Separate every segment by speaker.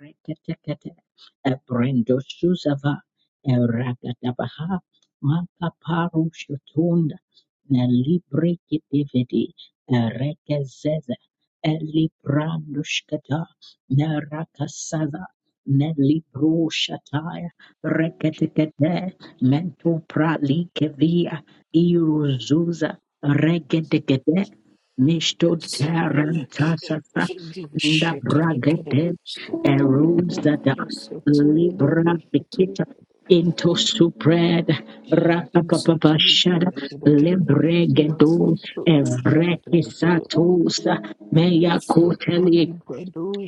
Speaker 1: Reketekete, Ebrendo Shuzava, Erakatabaha, Makaparu Shutunda, Nelibri Kitividi, Erekezeze, Elibrandushkata, Nerakasada, Nelibru Shataya, Reketekete, Mentu Pralikevia,
Speaker 2: Tele,
Speaker 1: Iruzuza, Regedegede, Nishtot tarantasasa nda bragate eruzada libra bikita into supred rapapapa shada libregedo evrekisatos meya koteli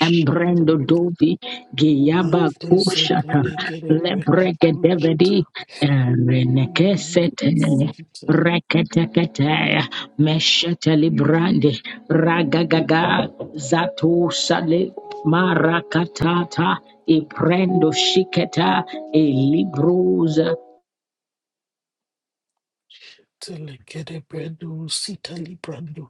Speaker 1: Embrendo dovi giyaba kushata lebreke devedi renekesete reketekete meshete librande ragagaga zatu sale marakatata iprendo shiketa ilibruza
Speaker 2: tele, tele, tele, brando, sitali, brando,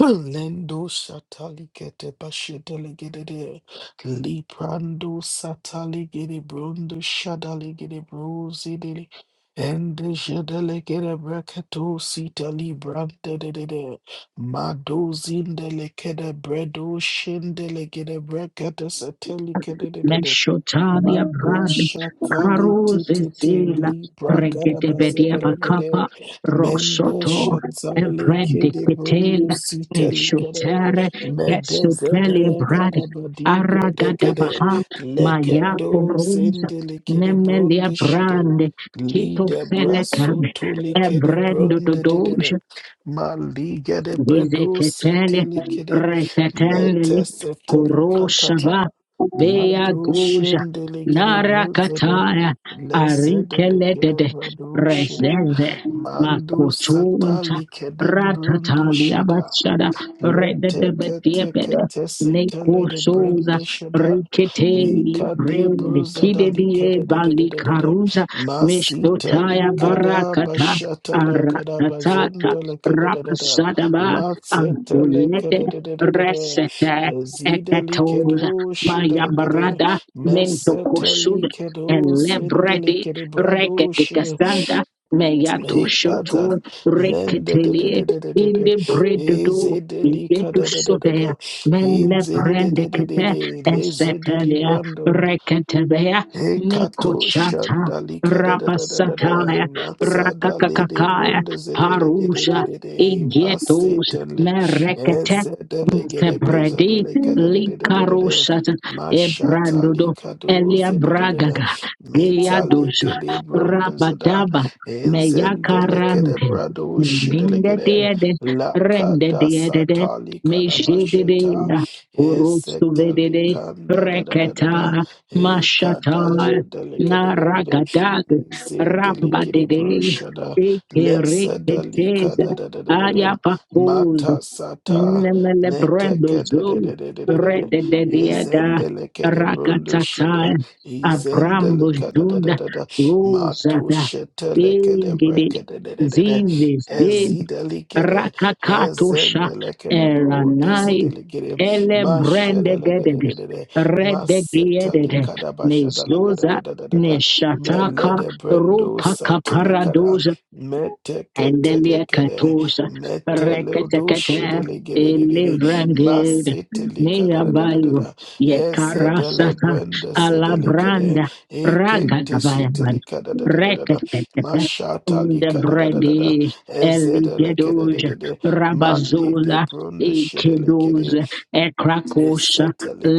Speaker 2: Lendo satali gete bashedele gede de liprando satali gede brondo shadali gede brozi de ende jedele gede breketo sitali brande de de de mado zindele gede bredo shindele gede brekete satali gede de
Speaker 1: Meshotalia
Speaker 2: Mato
Speaker 1: Brand,
Speaker 2: shakali
Speaker 1: Caruze
Speaker 2: tititi
Speaker 1: Zila,
Speaker 2: libra gada
Speaker 1: Regedebedia
Speaker 2: bazede legede
Speaker 1: Bacapa,
Speaker 2: mende
Speaker 1: Rosoto,
Speaker 2: shatale kede brundu
Speaker 1: Evrendicatel,
Speaker 2: siteli gede
Speaker 1: Neshotere,
Speaker 2: mende zede
Speaker 1: Kesutelia Brad,
Speaker 2: legada badi gede gede
Speaker 1: Aragadabaha,
Speaker 2: leke
Speaker 1: Maya
Speaker 2: do
Speaker 1: Urunza,
Speaker 2: zende lekede
Speaker 1: Nemelia
Speaker 2: brundu shide
Speaker 1: Brand, Kito
Speaker 2: lide braso
Speaker 1: Felecam,
Speaker 2: tuli kede
Speaker 1: Ebrendo
Speaker 2: brundu dedede
Speaker 1: Dodoja,
Speaker 2: ma gede bredo
Speaker 1: Vizeketele
Speaker 2: siteli kede mete
Speaker 1: reketendeli
Speaker 2: seteli katata
Speaker 1: kuroshaba beya
Speaker 2: Lado
Speaker 1: guja
Speaker 2: shendelegede brozeda
Speaker 1: narakataya
Speaker 2: lezedelegede
Speaker 1: arikeledede
Speaker 2: brado shere
Speaker 1: rezende
Speaker 2: mando
Speaker 1: makutunta
Speaker 2: satali kedem brondo
Speaker 1: ratatalia
Speaker 2: shada
Speaker 1: bachada
Speaker 2: le teke teke
Speaker 1: rededebediebede
Speaker 2: tese tele de
Speaker 1: nekusuza
Speaker 2: brende shada
Speaker 1: riketeli
Speaker 2: Lika de
Speaker 1: brende
Speaker 2: bruza da lika
Speaker 1: kidedie
Speaker 2: da da da da da da da.
Speaker 1: balikaruza
Speaker 2: Masita
Speaker 1: mishtotaya
Speaker 2: lika da
Speaker 1: barakata
Speaker 2: bashata la kada
Speaker 1: aratatata
Speaker 2: bazenda la kada da da da.
Speaker 1: Rapasadaba
Speaker 2: Matseta la
Speaker 1: Ahulete
Speaker 2: kada da da da da da.
Speaker 1: Resete
Speaker 2: Ezida lika
Speaker 1: Ekatoza
Speaker 2: do shida
Speaker 1: Maya
Speaker 2: lika da.
Speaker 1: Barada Mento
Speaker 2: Meseta
Speaker 1: Kosud
Speaker 2: lika do senda
Speaker 1: Elebredi
Speaker 2: lika de brado shida.
Speaker 1: Regetikasanda Meyato
Speaker 2: Lika da
Speaker 1: Shoto
Speaker 2: lenda da da
Speaker 1: Reketeli
Speaker 2: da da da da
Speaker 1: in
Speaker 2: da.
Speaker 1: the Bredudu
Speaker 2: Ezida lika
Speaker 1: Yetu
Speaker 2: da da da da
Speaker 1: Sudea
Speaker 2: da.
Speaker 1: Mele
Speaker 2: Inzinde de de de
Speaker 1: Brendekete
Speaker 2: de. Leze de
Speaker 1: Esetelia
Speaker 2: librando.
Speaker 1: Reketebea
Speaker 2: Ekato
Speaker 1: Nikochata
Speaker 2: shandalika da da da da da da
Speaker 1: Rapasataya
Speaker 2: matsa da lede
Speaker 1: Rakakakakaya
Speaker 2: bronde zedele gede
Speaker 1: Parusha
Speaker 2: de de de
Speaker 1: Igetus
Speaker 2: masetele
Speaker 1: merekete
Speaker 2: ezedele gede
Speaker 1: Tebredi
Speaker 2: benzedele kada de de de de de de
Speaker 1: likarosat
Speaker 2: mashata
Speaker 1: ebrandodo
Speaker 2: lika
Speaker 1: elia
Speaker 2: doze de de de de
Speaker 1: bragaga geyadosa
Speaker 2: metalike de bronde zeda
Speaker 1: rabadaba
Speaker 2: enzendele gede
Speaker 1: meyakarande
Speaker 2: brado shedele
Speaker 1: linde
Speaker 2: gede
Speaker 1: diede rende
Speaker 2: lakata
Speaker 1: diede
Speaker 2: satali kada
Speaker 1: mejede de
Speaker 2: basheta
Speaker 1: urustu
Speaker 2: esetele
Speaker 1: vedede
Speaker 2: kanda da da da da da
Speaker 1: breketa
Speaker 2: E
Speaker 1: mashatal
Speaker 2: kadaja delicate
Speaker 1: naragadag
Speaker 2: zin delicate
Speaker 1: rambadede
Speaker 2: broshada let sedalika
Speaker 1: ekereketeza
Speaker 2: da da da da. da da
Speaker 1: ayapakoza
Speaker 2: Mata sata.
Speaker 1: Nemele
Speaker 2: da da
Speaker 1: brando
Speaker 2: da da da da
Speaker 1: zo
Speaker 2: da. da da
Speaker 1: rede de
Speaker 2: Izen Izen
Speaker 1: diada
Speaker 2: brundo Metekadadadadadadada. Ezendelikede brundushida.
Speaker 1: rakatata abrambo dunda
Speaker 2: Ezendelikadadadadada. Mato
Speaker 1: rosada
Speaker 2: shetelekede
Speaker 1: ingede
Speaker 2: brekadadadadada.
Speaker 1: zizes de
Speaker 2: Ezidelikede.
Speaker 1: rakakatosha
Speaker 2: Ezendelikede bro.
Speaker 1: eranai
Speaker 2: Disidelikede.
Speaker 1: ele brande de de
Speaker 2: Mashadalikadadadada.
Speaker 1: rede
Speaker 2: Masetali
Speaker 1: diede
Speaker 2: kadabashada lagada da
Speaker 1: nezoza
Speaker 2: da da da da. Mele
Speaker 1: neshataka
Speaker 2: de brendo
Speaker 1: rupa
Speaker 2: satili kada.
Speaker 1: kaparadoza
Speaker 2: Meteketele
Speaker 1: Endelia
Speaker 2: kede.
Speaker 1: katosa
Speaker 2: Metele do
Speaker 1: reketekete
Speaker 2: shidele gede
Speaker 1: ilivrangid
Speaker 2: Maseteli kada da da da da
Speaker 1: niyabayo
Speaker 2: da. Ezedele
Speaker 1: yekarasata
Speaker 2: brendo sedele kede.
Speaker 1: alabranda
Speaker 2: Ekente
Speaker 1: ragadabayaban
Speaker 2: shitili kada da da da da da.
Speaker 1: reketekete
Speaker 2: Mashatali kada da da da da.
Speaker 1: ndebredi
Speaker 2: Ezedele kede de
Speaker 1: eligedoja
Speaker 2: de de. Madli de
Speaker 1: rabazola
Speaker 2: brendo shidele kede.
Speaker 1: ikedoza ekrakosha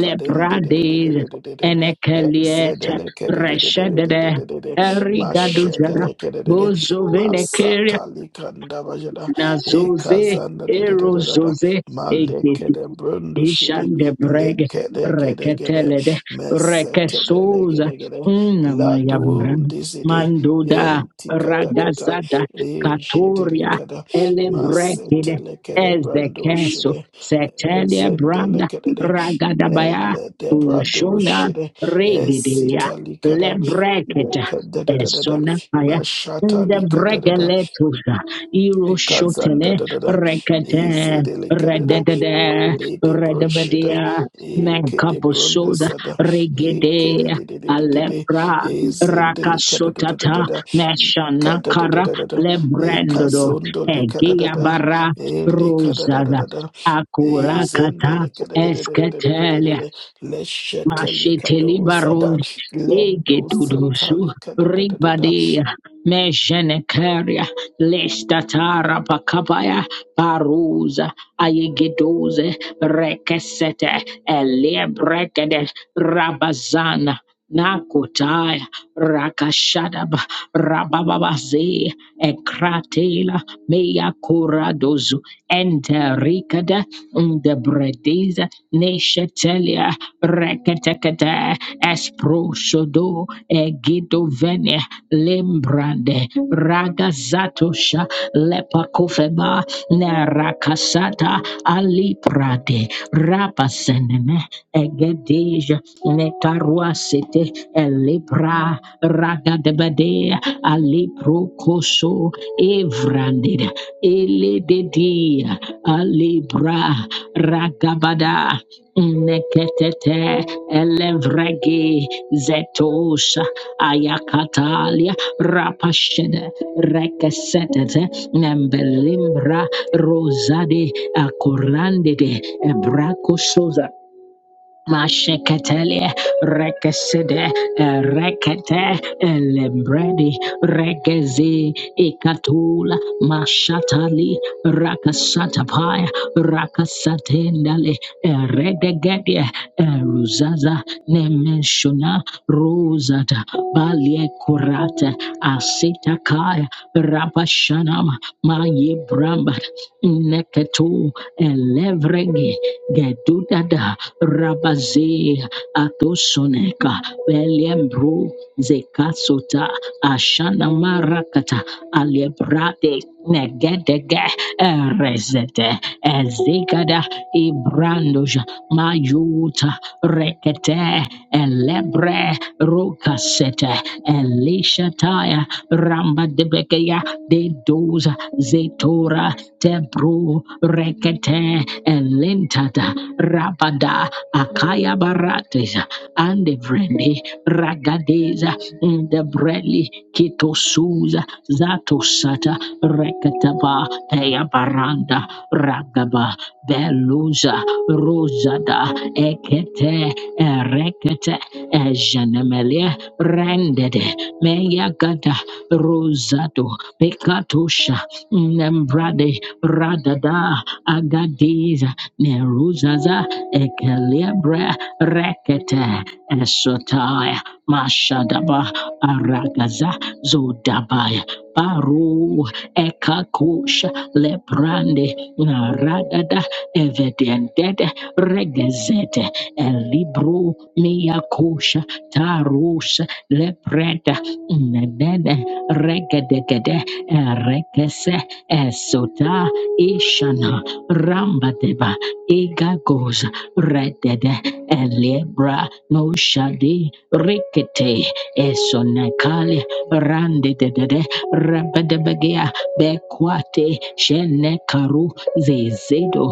Speaker 1: lebradid enekelieta reshedede
Speaker 2: Ezedelekedededededededede.
Speaker 1: erigadujada
Speaker 2: Mashedelekedede.
Speaker 1: bozovenekeria
Speaker 2: Masatalikandabajada.
Speaker 1: Na zoze ero
Speaker 2: Ekazandadedededada.
Speaker 1: erozoze egedi
Speaker 2: Malekedebrundushide.
Speaker 1: ishande brege
Speaker 2: Lekedegedegede.
Speaker 1: reketelede rekesoza
Speaker 2: Mesetedelegedegede.
Speaker 1: unamayabran
Speaker 2: Ladundizide.
Speaker 1: manduda
Speaker 2: Entikatakata.
Speaker 1: ragazada katoria
Speaker 2: Ejedelikada.
Speaker 1: elebrekide ezekeso
Speaker 2: Masetelekedebrandushide.
Speaker 1: setelia branda
Speaker 2: Zendelekede and
Speaker 1: ragadabaya
Speaker 2: let the brado
Speaker 1: ushona
Speaker 2: shede
Speaker 1: regidia
Speaker 2: sitalikada
Speaker 1: lebrekida
Speaker 2: lekada da, lekadadadada
Speaker 1: esonapaya
Speaker 2: mashatalikadadada
Speaker 1: ndebregeletuza Iroshotene,
Speaker 2: ikazandadadada
Speaker 1: Rekete,
Speaker 2: izedelekadada
Speaker 1: Rededede,
Speaker 2: malede bronsheda
Speaker 1: Redebedia,
Speaker 2: ikede
Speaker 1: Menkaposoda,
Speaker 2: brondesada
Speaker 1: Regede,
Speaker 2: da
Speaker 1: Alepra,
Speaker 2: izendelikadadadadada da da
Speaker 1: Rakasotata,
Speaker 2: da. ikada da da
Speaker 1: Meshanakara,
Speaker 2: da da da
Speaker 1: Lebrendodo,
Speaker 2: ikazondo likada da da
Speaker 1: Egiabara,
Speaker 2: ilikada da da
Speaker 1: Rosada.
Speaker 2: da
Speaker 1: Akurakata,
Speaker 2: Ezendele
Speaker 1: Esketele,
Speaker 2: kadadadadadadadadadada. Lesheteli
Speaker 1: Masheteli barun
Speaker 2: kadozada. Lendo
Speaker 1: egetudusu
Speaker 2: satali kadadadadada.
Speaker 1: ribadia meshenekaria lestatara pakapaya paruza Ayegedoze, Rekesete, Elebrekede, Rabazana, Nakotaya, Rakashadaba, Rabababaze, Ekratela, Mea Coradozu, Entericada, Ndebredeza, Neshetelia, Reketekete, proshodo egidovene lembrande ragazatosha lepakofeba nerakasata aliprade rapasenene egedeja nekaruasete elibra ragadebade aliprokoso evra Vrandid ele Elededia alibra Ragabada Neketete Elevregi Zetosha Ayakatalia Rapashede Rekesetete Nembelimbra Rosade akorandide Ebrakosoza Mashekatele, Rekesede, eh, Rekete, Elebredi, Regezi, Ikatula, Mashatali, Rakasatapaya, Rakasatendale, Eredegede, Ruzaza, Nemeshuna, Rosata, Balie Kurata, Asitakaya, Rabashanama, Maye Brambat, Neketu, Elevregi, Gedudada, Rabaze Atosoneka Belembro Zekasota Ashana Marakata Alebrade Negedege Erezete Ezegada Ibrandoja Mayuta Rekete Elebre Rokasete Elishataya Ramba Debekeya Dedoza Zetora Tebro Rekete Elentata Rabada Akaya Baratesa and the Vreni Ragadeza Ndebreli Kitosuza Zatosata Rekataba Teyabaranda Ragaba Beluza Rosada Ekete Erekete Ejanemelia Rendede Meyagada Rosado Pekatosha Nembrade Radada Agadiza Neruz Zaza Ekelebra Rekete Esotai Mashadaba Aragaza Zodabai Baru Ekakush Lebrande Naradada Evidentede Regezete Elibro Miyakusha Tarus Lebreda Nedede Regedegede rekese Esota Ishana Rambadeba Igagos redede elebra no shadi rikete esonekali randedede rebedebegia bekwate shenekaru zezedo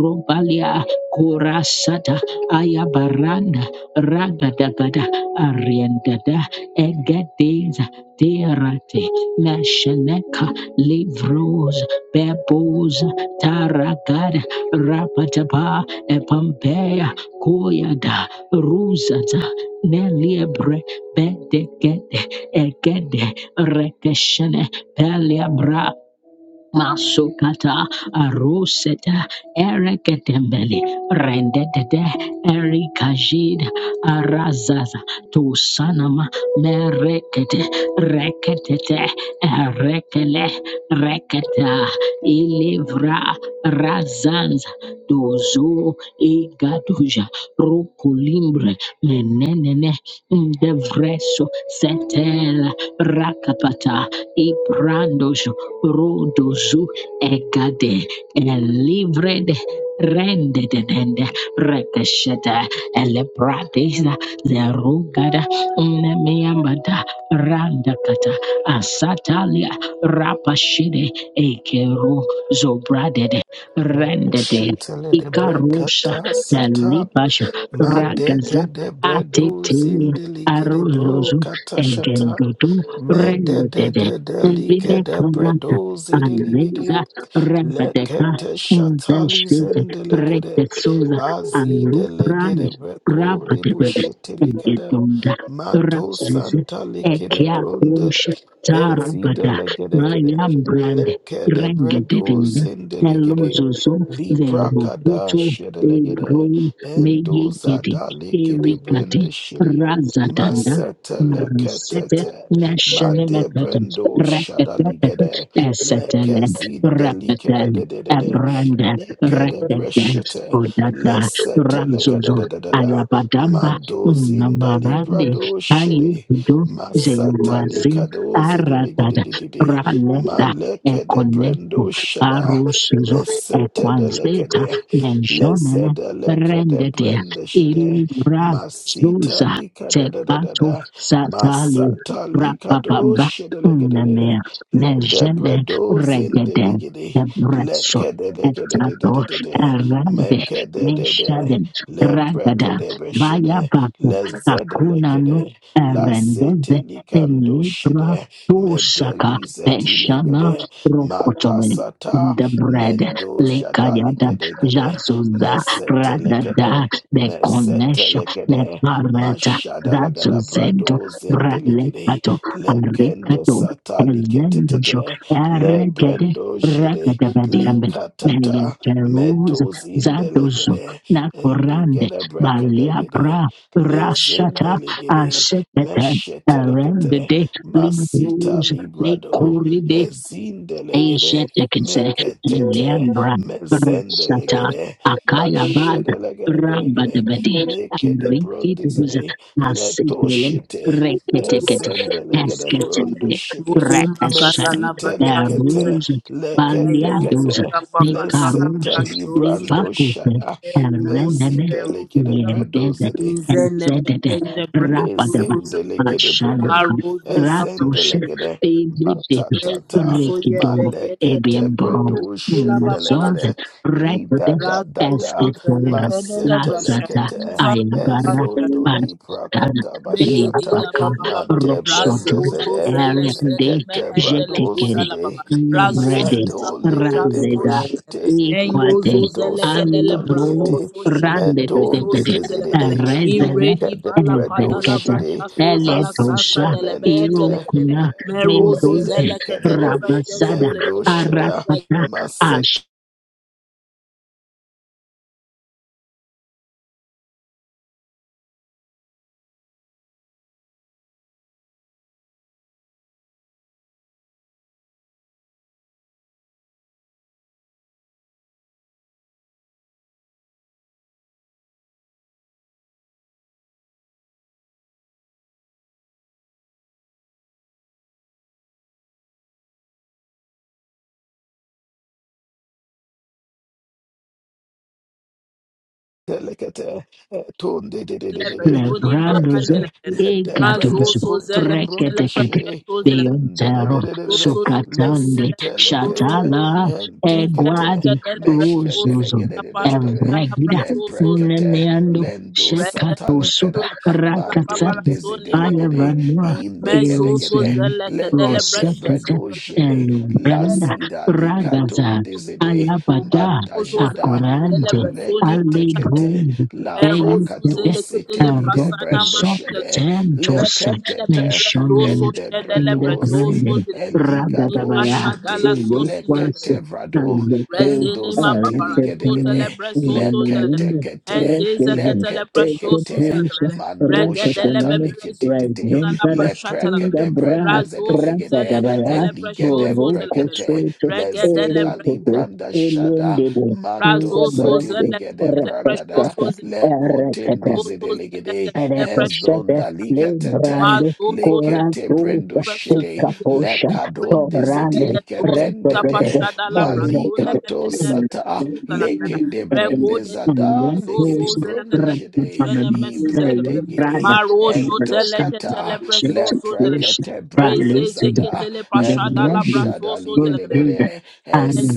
Speaker 1: robalia Kurasata Ayabaranda Ragadagada Ariendada Egedeza Derate Mesheneka Livros Bebos Taragada Rapataba Epompea Koyada Rusata Neliebre Bedegede Egede Rekeshene peliabra Masukata Aruseta Ereketembele Rendedede Erikajid Arazaza Tusanama Merekete Reketete Erekele Reketa Ilivra Razanza dozo e gaduja rokolimbre menenene devreso setela rakapata e brandojo rodozu egade elivrede rendedende rekesheta elebradeza lerugada nemiambada randakata asatalia rapashide ekero zobradede rendede
Speaker 2: Lekeshetele de
Speaker 1: Ikarosha
Speaker 2: brekata
Speaker 1: na
Speaker 2: sata.
Speaker 1: Libasha Ragaza
Speaker 2: Madege de bredo
Speaker 1: Atete
Speaker 2: zindeli gede bro
Speaker 1: Arozozo
Speaker 2: kata
Speaker 1: and
Speaker 2: shata.
Speaker 1: Gendodo
Speaker 2: Mede de
Speaker 1: Rendodede
Speaker 2: de de
Speaker 1: Ebile
Speaker 2: like de
Speaker 1: Karata
Speaker 2: bredo zindeli gede.
Speaker 1: Anreza Rembadeka
Speaker 2: Lekete shatali
Speaker 1: Invenshide
Speaker 2: zendelegede.
Speaker 1: Rete Soza
Speaker 2: Azidelegede beko de
Speaker 1: Rabadebede
Speaker 2: bushete
Speaker 1: and
Speaker 2: likada.
Speaker 1: Gedonda
Speaker 2: Mato santa lekede
Speaker 1: Ekia
Speaker 2: bronde.
Speaker 1: kusha
Speaker 2: Ezida
Speaker 1: tarabada
Speaker 2: legedegede.
Speaker 1: maya brand
Speaker 2: Lekede bredo
Speaker 1: rengedidinga
Speaker 2: zindelegede.
Speaker 1: elozozo
Speaker 2: Liprakada
Speaker 1: verobuto ebro
Speaker 2: shedelegede. Endo
Speaker 1: meyegedi
Speaker 2: zada lekede
Speaker 1: erikate
Speaker 2: brende shede.
Speaker 1: razadanda
Speaker 2: Masete
Speaker 1: Sete
Speaker 2: leketete. Made
Speaker 1: nationality,
Speaker 2: brendo
Speaker 1: repetitive,
Speaker 2: shadaligede.
Speaker 1: acetylene,
Speaker 2: Lekezinde
Speaker 1: repetitive,
Speaker 2: likedededede.
Speaker 1: abranda,
Speaker 2: Lekede
Speaker 1: repetitive,
Speaker 2: breshete.
Speaker 1: odada,
Speaker 2: Lesete
Speaker 1: ramzozo,
Speaker 2: lekededededa.
Speaker 1: ayabadamba,
Speaker 2: Mando zinda
Speaker 1: namarande,
Speaker 2: librado shede.
Speaker 1: ayibudu,
Speaker 2: Masata
Speaker 1: zenuazi,
Speaker 2: likadoze
Speaker 1: aratada,
Speaker 2: delegedede.
Speaker 1: raleda,
Speaker 2: Malekede
Speaker 1: ekoneko,
Speaker 2: brendo shada.
Speaker 1: arusuzo,
Speaker 2: Mesete
Speaker 1: equazeta,
Speaker 2: delegede.
Speaker 1: nenjonene,
Speaker 2: Lezede lekede
Speaker 1: rendete,
Speaker 2: brende shede.
Speaker 1: ilibra,
Speaker 2: Masita
Speaker 1: zuza, Tekato
Speaker 2: likadadadada.
Speaker 1: satali
Speaker 2: Masata likado
Speaker 1: rapapamba uname
Speaker 2: shedelegedede.
Speaker 1: nejeme
Speaker 2: Ledebredo
Speaker 1: regede
Speaker 2: zindelegede.
Speaker 1: ebreso etato
Speaker 2: Lekededegedededede.
Speaker 1: arande
Speaker 2: Mekededede.
Speaker 1: neshadem ragada vaya
Speaker 2: Leprekedebeshede.
Speaker 1: bako kakunanu
Speaker 2: Lezedelekede. La
Speaker 1: arendeze
Speaker 2: sete likando
Speaker 1: elibra
Speaker 2: shede
Speaker 1: tusaka
Speaker 2: medeliza
Speaker 1: peshana
Speaker 2: dilegede mata
Speaker 1: rokotobe in
Speaker 2: sata
Speaker 1: the bread
Speaker 2: mendoza
Speaker 1: lekayada
Speaker 2: daligede gede
Speaker 1: jasuza radada
Speaker 2: mesetelegede
Speaker 1: the connection the
Speaker 2: mesetelegede
Speaker 1: parrot,
Speaker 2: mashada lagada
Speaker 1: Razuzento,
Speaker 2: brado zendelegede
Speaker 1: Ralepato,
Speaker 2: lekende
Speaker 1: Aricato,
Speaker 2: sata
Speaker 1: Elendosho,
Speaker 2: liketetete le
Speaker 1: Aregede,
Speaker 2: brendo jede
Speaker 1: Rakadabadiambe,
Speaker 2: likatata
Speaker 1: Meliateruz, Zadozo,
Speaker 2: medozindelegede
Speaker 1: Nakorande,
Speaker 2: eligede brekede dede
Speaker 1: Maliabra, Rashata,
Speaker 2: lezendelegede
Speaker 1: Asekete,
Speaker 2: meshetelekete,
Speaker 1: Arendede,
Speaker 2: masita
Speaker 1: Libruz,
Speaker 2: librado,
Speaker 1: Aisha
Speaker 2: ezindelegede,
Speaker 1: Tekitse
Speaker 2: meketete,
Speaker 1: Lembra Sata
Speaker 2: mezendelegede,
Speaker 1: Akaya Bad Ramba de
Speaker 2: mashedelegedegedegede,
Speaker 1: Bedi
Speaker 2: lekede
Speaker 1: Rinkit Guza
Speaker 2: brondizede,
Speaker 1: Asitele
Speaker 2: letoshete,
Speaker 1: Reketekete
Speaker 2: ezendelegede
Speaker 1: Esketele
Speaker 2: brondoshete,
Speaker 1: Rekesher
Speaker 3: Magatala Basha
Speaker 2: mesitelekete,
Speaker 3: Suzela
Speaker 1: Eruz
Speaker 3: Yozo
Speaker 1: Bandiados
Speaker 2: leketekete,
Speaker 3: Tapakatala
Speaker 1: Nikarus
Speaker 3: Brasho Zuzela
Speaker 2: lesetelibrando
Speaker 1: Lipakupe
Speaker 2: shada,
Speaker 3: Ruto
Speaker 1: Erendene
Speaker 3: Seferu
Speaker 2: mezidelekede
Speaker 3: Suza Papa
Speaker 1: Lembede
Speaker 2: bredozede,
Speaker 3: Izene
Speaker 1: Erzedede
Speaker 3: Mekende Bresu
Speaker 1: Rabadaba
Speaker 3: Suza
Speaker 2: Lezendelegede bredem,
Speaker 1: Ashalaka
Speaker 3: Maro Zuza
Speaker 1: Ratus
Speaker 3: Brasha
Speaker 2: ezendelegede,
Speaker 3: Suzela
Speaker 1: Baby
Speaker 3: Rezu
Speaker 2: matatata,
Speaker 3: Soye
Speaker 1: Rikido,
Speaker 2: malekete
Speaker 3: Degende
Speaker 1: Ebiambo,
Speaker 2: bredo
Speaker 3: Kukila Babala
Speaker 1: Mazos,
Speaker 2: shendelegede,
Speaker 3: Zela
Speaker 2: ida
Speaker 1: Rekodes,
Speaker 2: da da
Speaker 3: Razu
Speaker 2: da,
Speaker 3: Suzela
Speaker 1: Espetora,
Speaker 3: Kedele Brasha
Speaker 1: Lasata,
Speaker 2: masetelekete,
Speaker 3: Suzela
Speaker 1: Ayabara,
Speaker 2: ezondo libra
Speaker 1: Barbara,
Speaker 3: Regedi
Speaker 2: katabashata,
Speaker 3: la
Speaker 1: Rebaka,
Speaker 3: baba baba
Speaker 2: madebrende
Speaker 1: Roxoto,
Speaker 3: razozo
Speaker 2: zede,
Speaker 3: zele sene
Speaker 1: Erende,
Speaker 2: mekete
Speaker 3: mehende le
Speaker 2: brado
Speaker 3: kuda
Speaker 1: Jetekere,
Speaker 3: la
Speaker 2: zede,
Speaker 3: baba razozo
Speaker 1: Nebrede,
Speaker 2: izado
Speaker 3: sapa
Speaker 2: lekede
Speaker 3: trafozo
Speaker 1: Randeda,
Speaker 3: le kadere
Speaker 2: breshete,
Speaker 3: enyo zo
Speaker 1: Equate,
Speaker 2: leketo
Speaker 3: zele kedele mbrazo
Speaker 2: santalikete,
Speaker 1: Alidro,
Speaker 3: so shende le
Speaker 2: medon
Speaker 3: briso
Speaker 2: de
Speaker 1: Randede,
Speaker 2: de
Speaker 3: suze
Speaker 2: de
Speaker 3: le
Speaker 2: de de.
Speaker 3: kadere
Speaker 1: Rezede,
Speaker 3: iredi bala kada
Speaker 2: Lekadebredo
Speaker 3: la
Speaker 1: Ezekete,
Speaker 2: shede
Speaker 3: brasha soza la sasa
Speaker 2: masita
Speaker 1: Eletosha,
Speaker 3: de le bende
Speaker 2: lentete
Speaker 3: le kadere
Speaker 1: Irokuna,
Speaker 2: eh, dozi
Speaker 3: merozo
Speaker 1: Mendode,
Speaker 3: zele
Speaker 2: delicado
Speaker 3: kedele brasha
Speaker 1: Ramasada,
Speaker 3: suze le
Speaker 2: mendo
Speaker 3: kadere
Speaker 2: sheda
Speaker 1: Arakata,
Speaker 2: maset.
Speaker 1: Ash.
Speaker 2: Telekete, eh, tunde de de de
Speaker 3: Zele
Speaker 2: de de,
Speaker 3: bezoni
Speaker 1: Lebranos,
Speaker 3: mahande le
Speaker 2: leprekete,
Speaker 3: kadere
Speaker 2: ledebrede
Speaker 3: mazo
Speaker 1: Egados,
Speaker 3: so zele kedele
Speaker 2: kutembronde
Speaker 1: Reketekete,
Speaker 3: brasha
Speaker 2: shiri,
Speaker 3: soze
Speaker 2: lende de
Speaker 1: Deontero,
Speaker 2: de de de de de,
Speaker 3: Soso
Speaker 1: Socatande,
Speaker 3: Zelekatele Soso
Speaker 2: lesitelekete,
Speaker 1: Shatala,
Speaker 2: entekete,
Speaker 1: Eguade,
Speaker 3: Izemekadele Soso
Speaker 1: Rosuzo,
Speaker 2: meshkedelegede de de de de de,
Speaker 3: Zapashadala
Speaker 1: Evregida,
Speaker 3: Soso
Speaker 2: leprekete,
Speaker 1: Nemeando,
Speaker 2: lendo
Speaker 3: Rezo
Speaker 1: Shekatoso,
Speaker 2: satalikada,
Speaker 3: Zelekatele Babala
Speaker 1: Rakatsata,
Speaker 2: madonde
Speaker 3: Zonima
Speaker 2: zedelegede,
Speaker 1: Alavanoa,
Speaker 3: Mezoso
Speaker 2: indegedegede,
Speaker 1: Erosine,
Speaker 3: Zelekadele
Speaker 2: lekete
Speaker 3: Brashos
Speaker 1: Rosakete,
Speaker 2: bredo shiri,
Speaker 1: Elbranda,
Speaker 2: lazida
Speaker 1: Ragaza,
Speaker 2: likatonde zede,
Speaker 1: Ayabada,
Speaker 3: Soso
Speaker 2: mandajada,
Speaker 3: Zelekadele
Speaker 1: Akorante,
Speaker 3: Brasoni Mashadele
Speaker 2: Maleketekete
Speaker 1: Alebron,
Speaker 2: la
Speaker 3: Merozu
Speaker 2: prakato
Speaker 3: Zelekatele
Speaker 2: seteli de
Speaker 3: Brasana
Speaker 2: brende
Speaker 1: Rosso
Speaker 3: Masuzele
Speaker 2: shede
Speaker 1: Tentus
Speaker 3: Ekadele
Speaker 2: leketete
Speaker 3: Bebere
Speaker 1: Nationen
Speaker 3: Soso
Speaker 2: mende
Speaker 3: Shedele
Speaker 1: in the
Speaker 2: bredoze
Speaker 3: Brasoso
Speaker 1: Brand
Speaker 3: Zelekadele
Speaker 2: eligado
Speaker 1: Ragadabaya
Speaker 2: shete
Speaker 3: Mashadala Soso
Speaker 1: Eloquas
Speaker 2: lekete
Speaker 3: Zelekadele
Speaker 2: brado
Speaker 1: Kazato
Speaker 2: endo
Speaker 3: Rezinima babara
Speaker 2: zadili
Speaker 1: Elected
Speaker 2: gede
Speaker 3: shota
Speaker 1: in
Speaker 2: gede
Speaker 3: lebre
Speaker 1: the
Speaker 3: soso zelegadele.
Speaker 1: Melinda
Speaker 2: leketekete
Speaker 3: Enzeza
Speaker 1: Rekes
Speaker 3: kete lebre shosu
Speaker 2: leketekete
Speaker 1: Eketus
Speaker 3: zelegadele.
Speaker 2: manto
Speaker 3: Regede
Speaker 2: shata
Speaker 3: lebe
Speaker 1: Rekataman
Speaker 3: bere zosu
Speaker 2: leketete
Speaker 3: zala
Speaker 1: Rajuntada
Speaker 3: pashata
Speaker 2: lepreke
Speaker 1: in
Speaker 3: legadele.
Speaker 1: the
Speaker 2: de brende
Speaker 1: Bra
Speaker 3: Razo
Speaker 2: zede
Speaker 3: suze
Speaker 2: legede
Speaker 3: lekete
Speaker 1: Ragadabaya
Speaker 3: show
Speaker 2: eligede
Speaker 3: shosu
Speaker 1: Boroko
Speaker 3: zelegadele.
Speaker 2: brekete
Speaker 1: Soto
Speaker 3: Regede
Speaker 2: lezida
Speaker 3: lebre
Speaker 1: Elected
Speaker 2: libranda shada
Speaker 1: Elended in
Speaker 3: Razo
Speaker 2: Mando
Speaker 1: the
Speaker 3: Razoso
Speaker 1: Brand
Speaker 2: Zadiligede
Speaker 3: zelekatele
Speaker 2: Bragada,
Speaker 3: precioso
Speaker 1: Rekatata
Speaker 3: zelekatele.
Speaker 2: Lekotin
Speaker 1: Rekatata
Speaker 3: Rezoso
Speaker 2: Dizideligede,
Speaker 3: zelekatele precious.
Speaker 2: Henzon
Speaker 1: Rekeshede
Speaker 2: Dalikatete,
Speaker 1: Lembrando
Speaker 3: Mazoso
Speaker 2: Lekete
Speaker 3: zelekatele
Speaker 2: Brendo
Speaker 1: Coradosa
Speaker 3: precious
Speaker 2: Shede,
Speaker 3: zelekatele.
Speaker 1: Picaposha
Speaker 2: Lekadon
Speaker 3: Redele
Speaker 1: Torale
Speaker 3: yezoso
Speaker 2: Dizidilikedendede,
Speaker 1: Rekodede
Speaker 3: zapashada la brazone
Speaker 1: Elodede
Speaker 2: Malikato
Speaker 3: mekene
Speaker 2: Sata,
Speaker 3: rezuza la grada.
Speaker 2: Leke de Brende
Speaker 3: Regode
Speaker 2: Zada,
Speaker 1: Lembrando
Speaker 2: Legede
Speaker 3: zoso
Speaker 2: Brunde
Speaker 3: zelekatele
Speaker 2: Shede,
Speaker 1: Rapanan
Speaker 3: shene mesu zelekatele.
Speaker 2: Ibredegede,
Speaker 1: Rada
Speaker 3: Marosho
Speaker 1: Santa
Speaker 3: telekatele
Speaker 2: Entokata,
Speaker 1: Church
Speaker 3: precioso zelekatele.
Speaker 1: Worship
Speaker 2: Leprekete Brendo
Speaker 3: Rezeze
Speaker 1: Violated
Speaker 2: Zada,
Speaker 3: ketele pashada
Speaker 2: Endo
Speaker 3: la
Speaker 1: Lembrando
Speaker 3: brazo
Speaker 2: Shada
Speaker 3: brasoso
Speaker 1: Lord
Speaker 3: zelekatele.
Speaker 1: Buddha
Speaker 2: Ligedegede,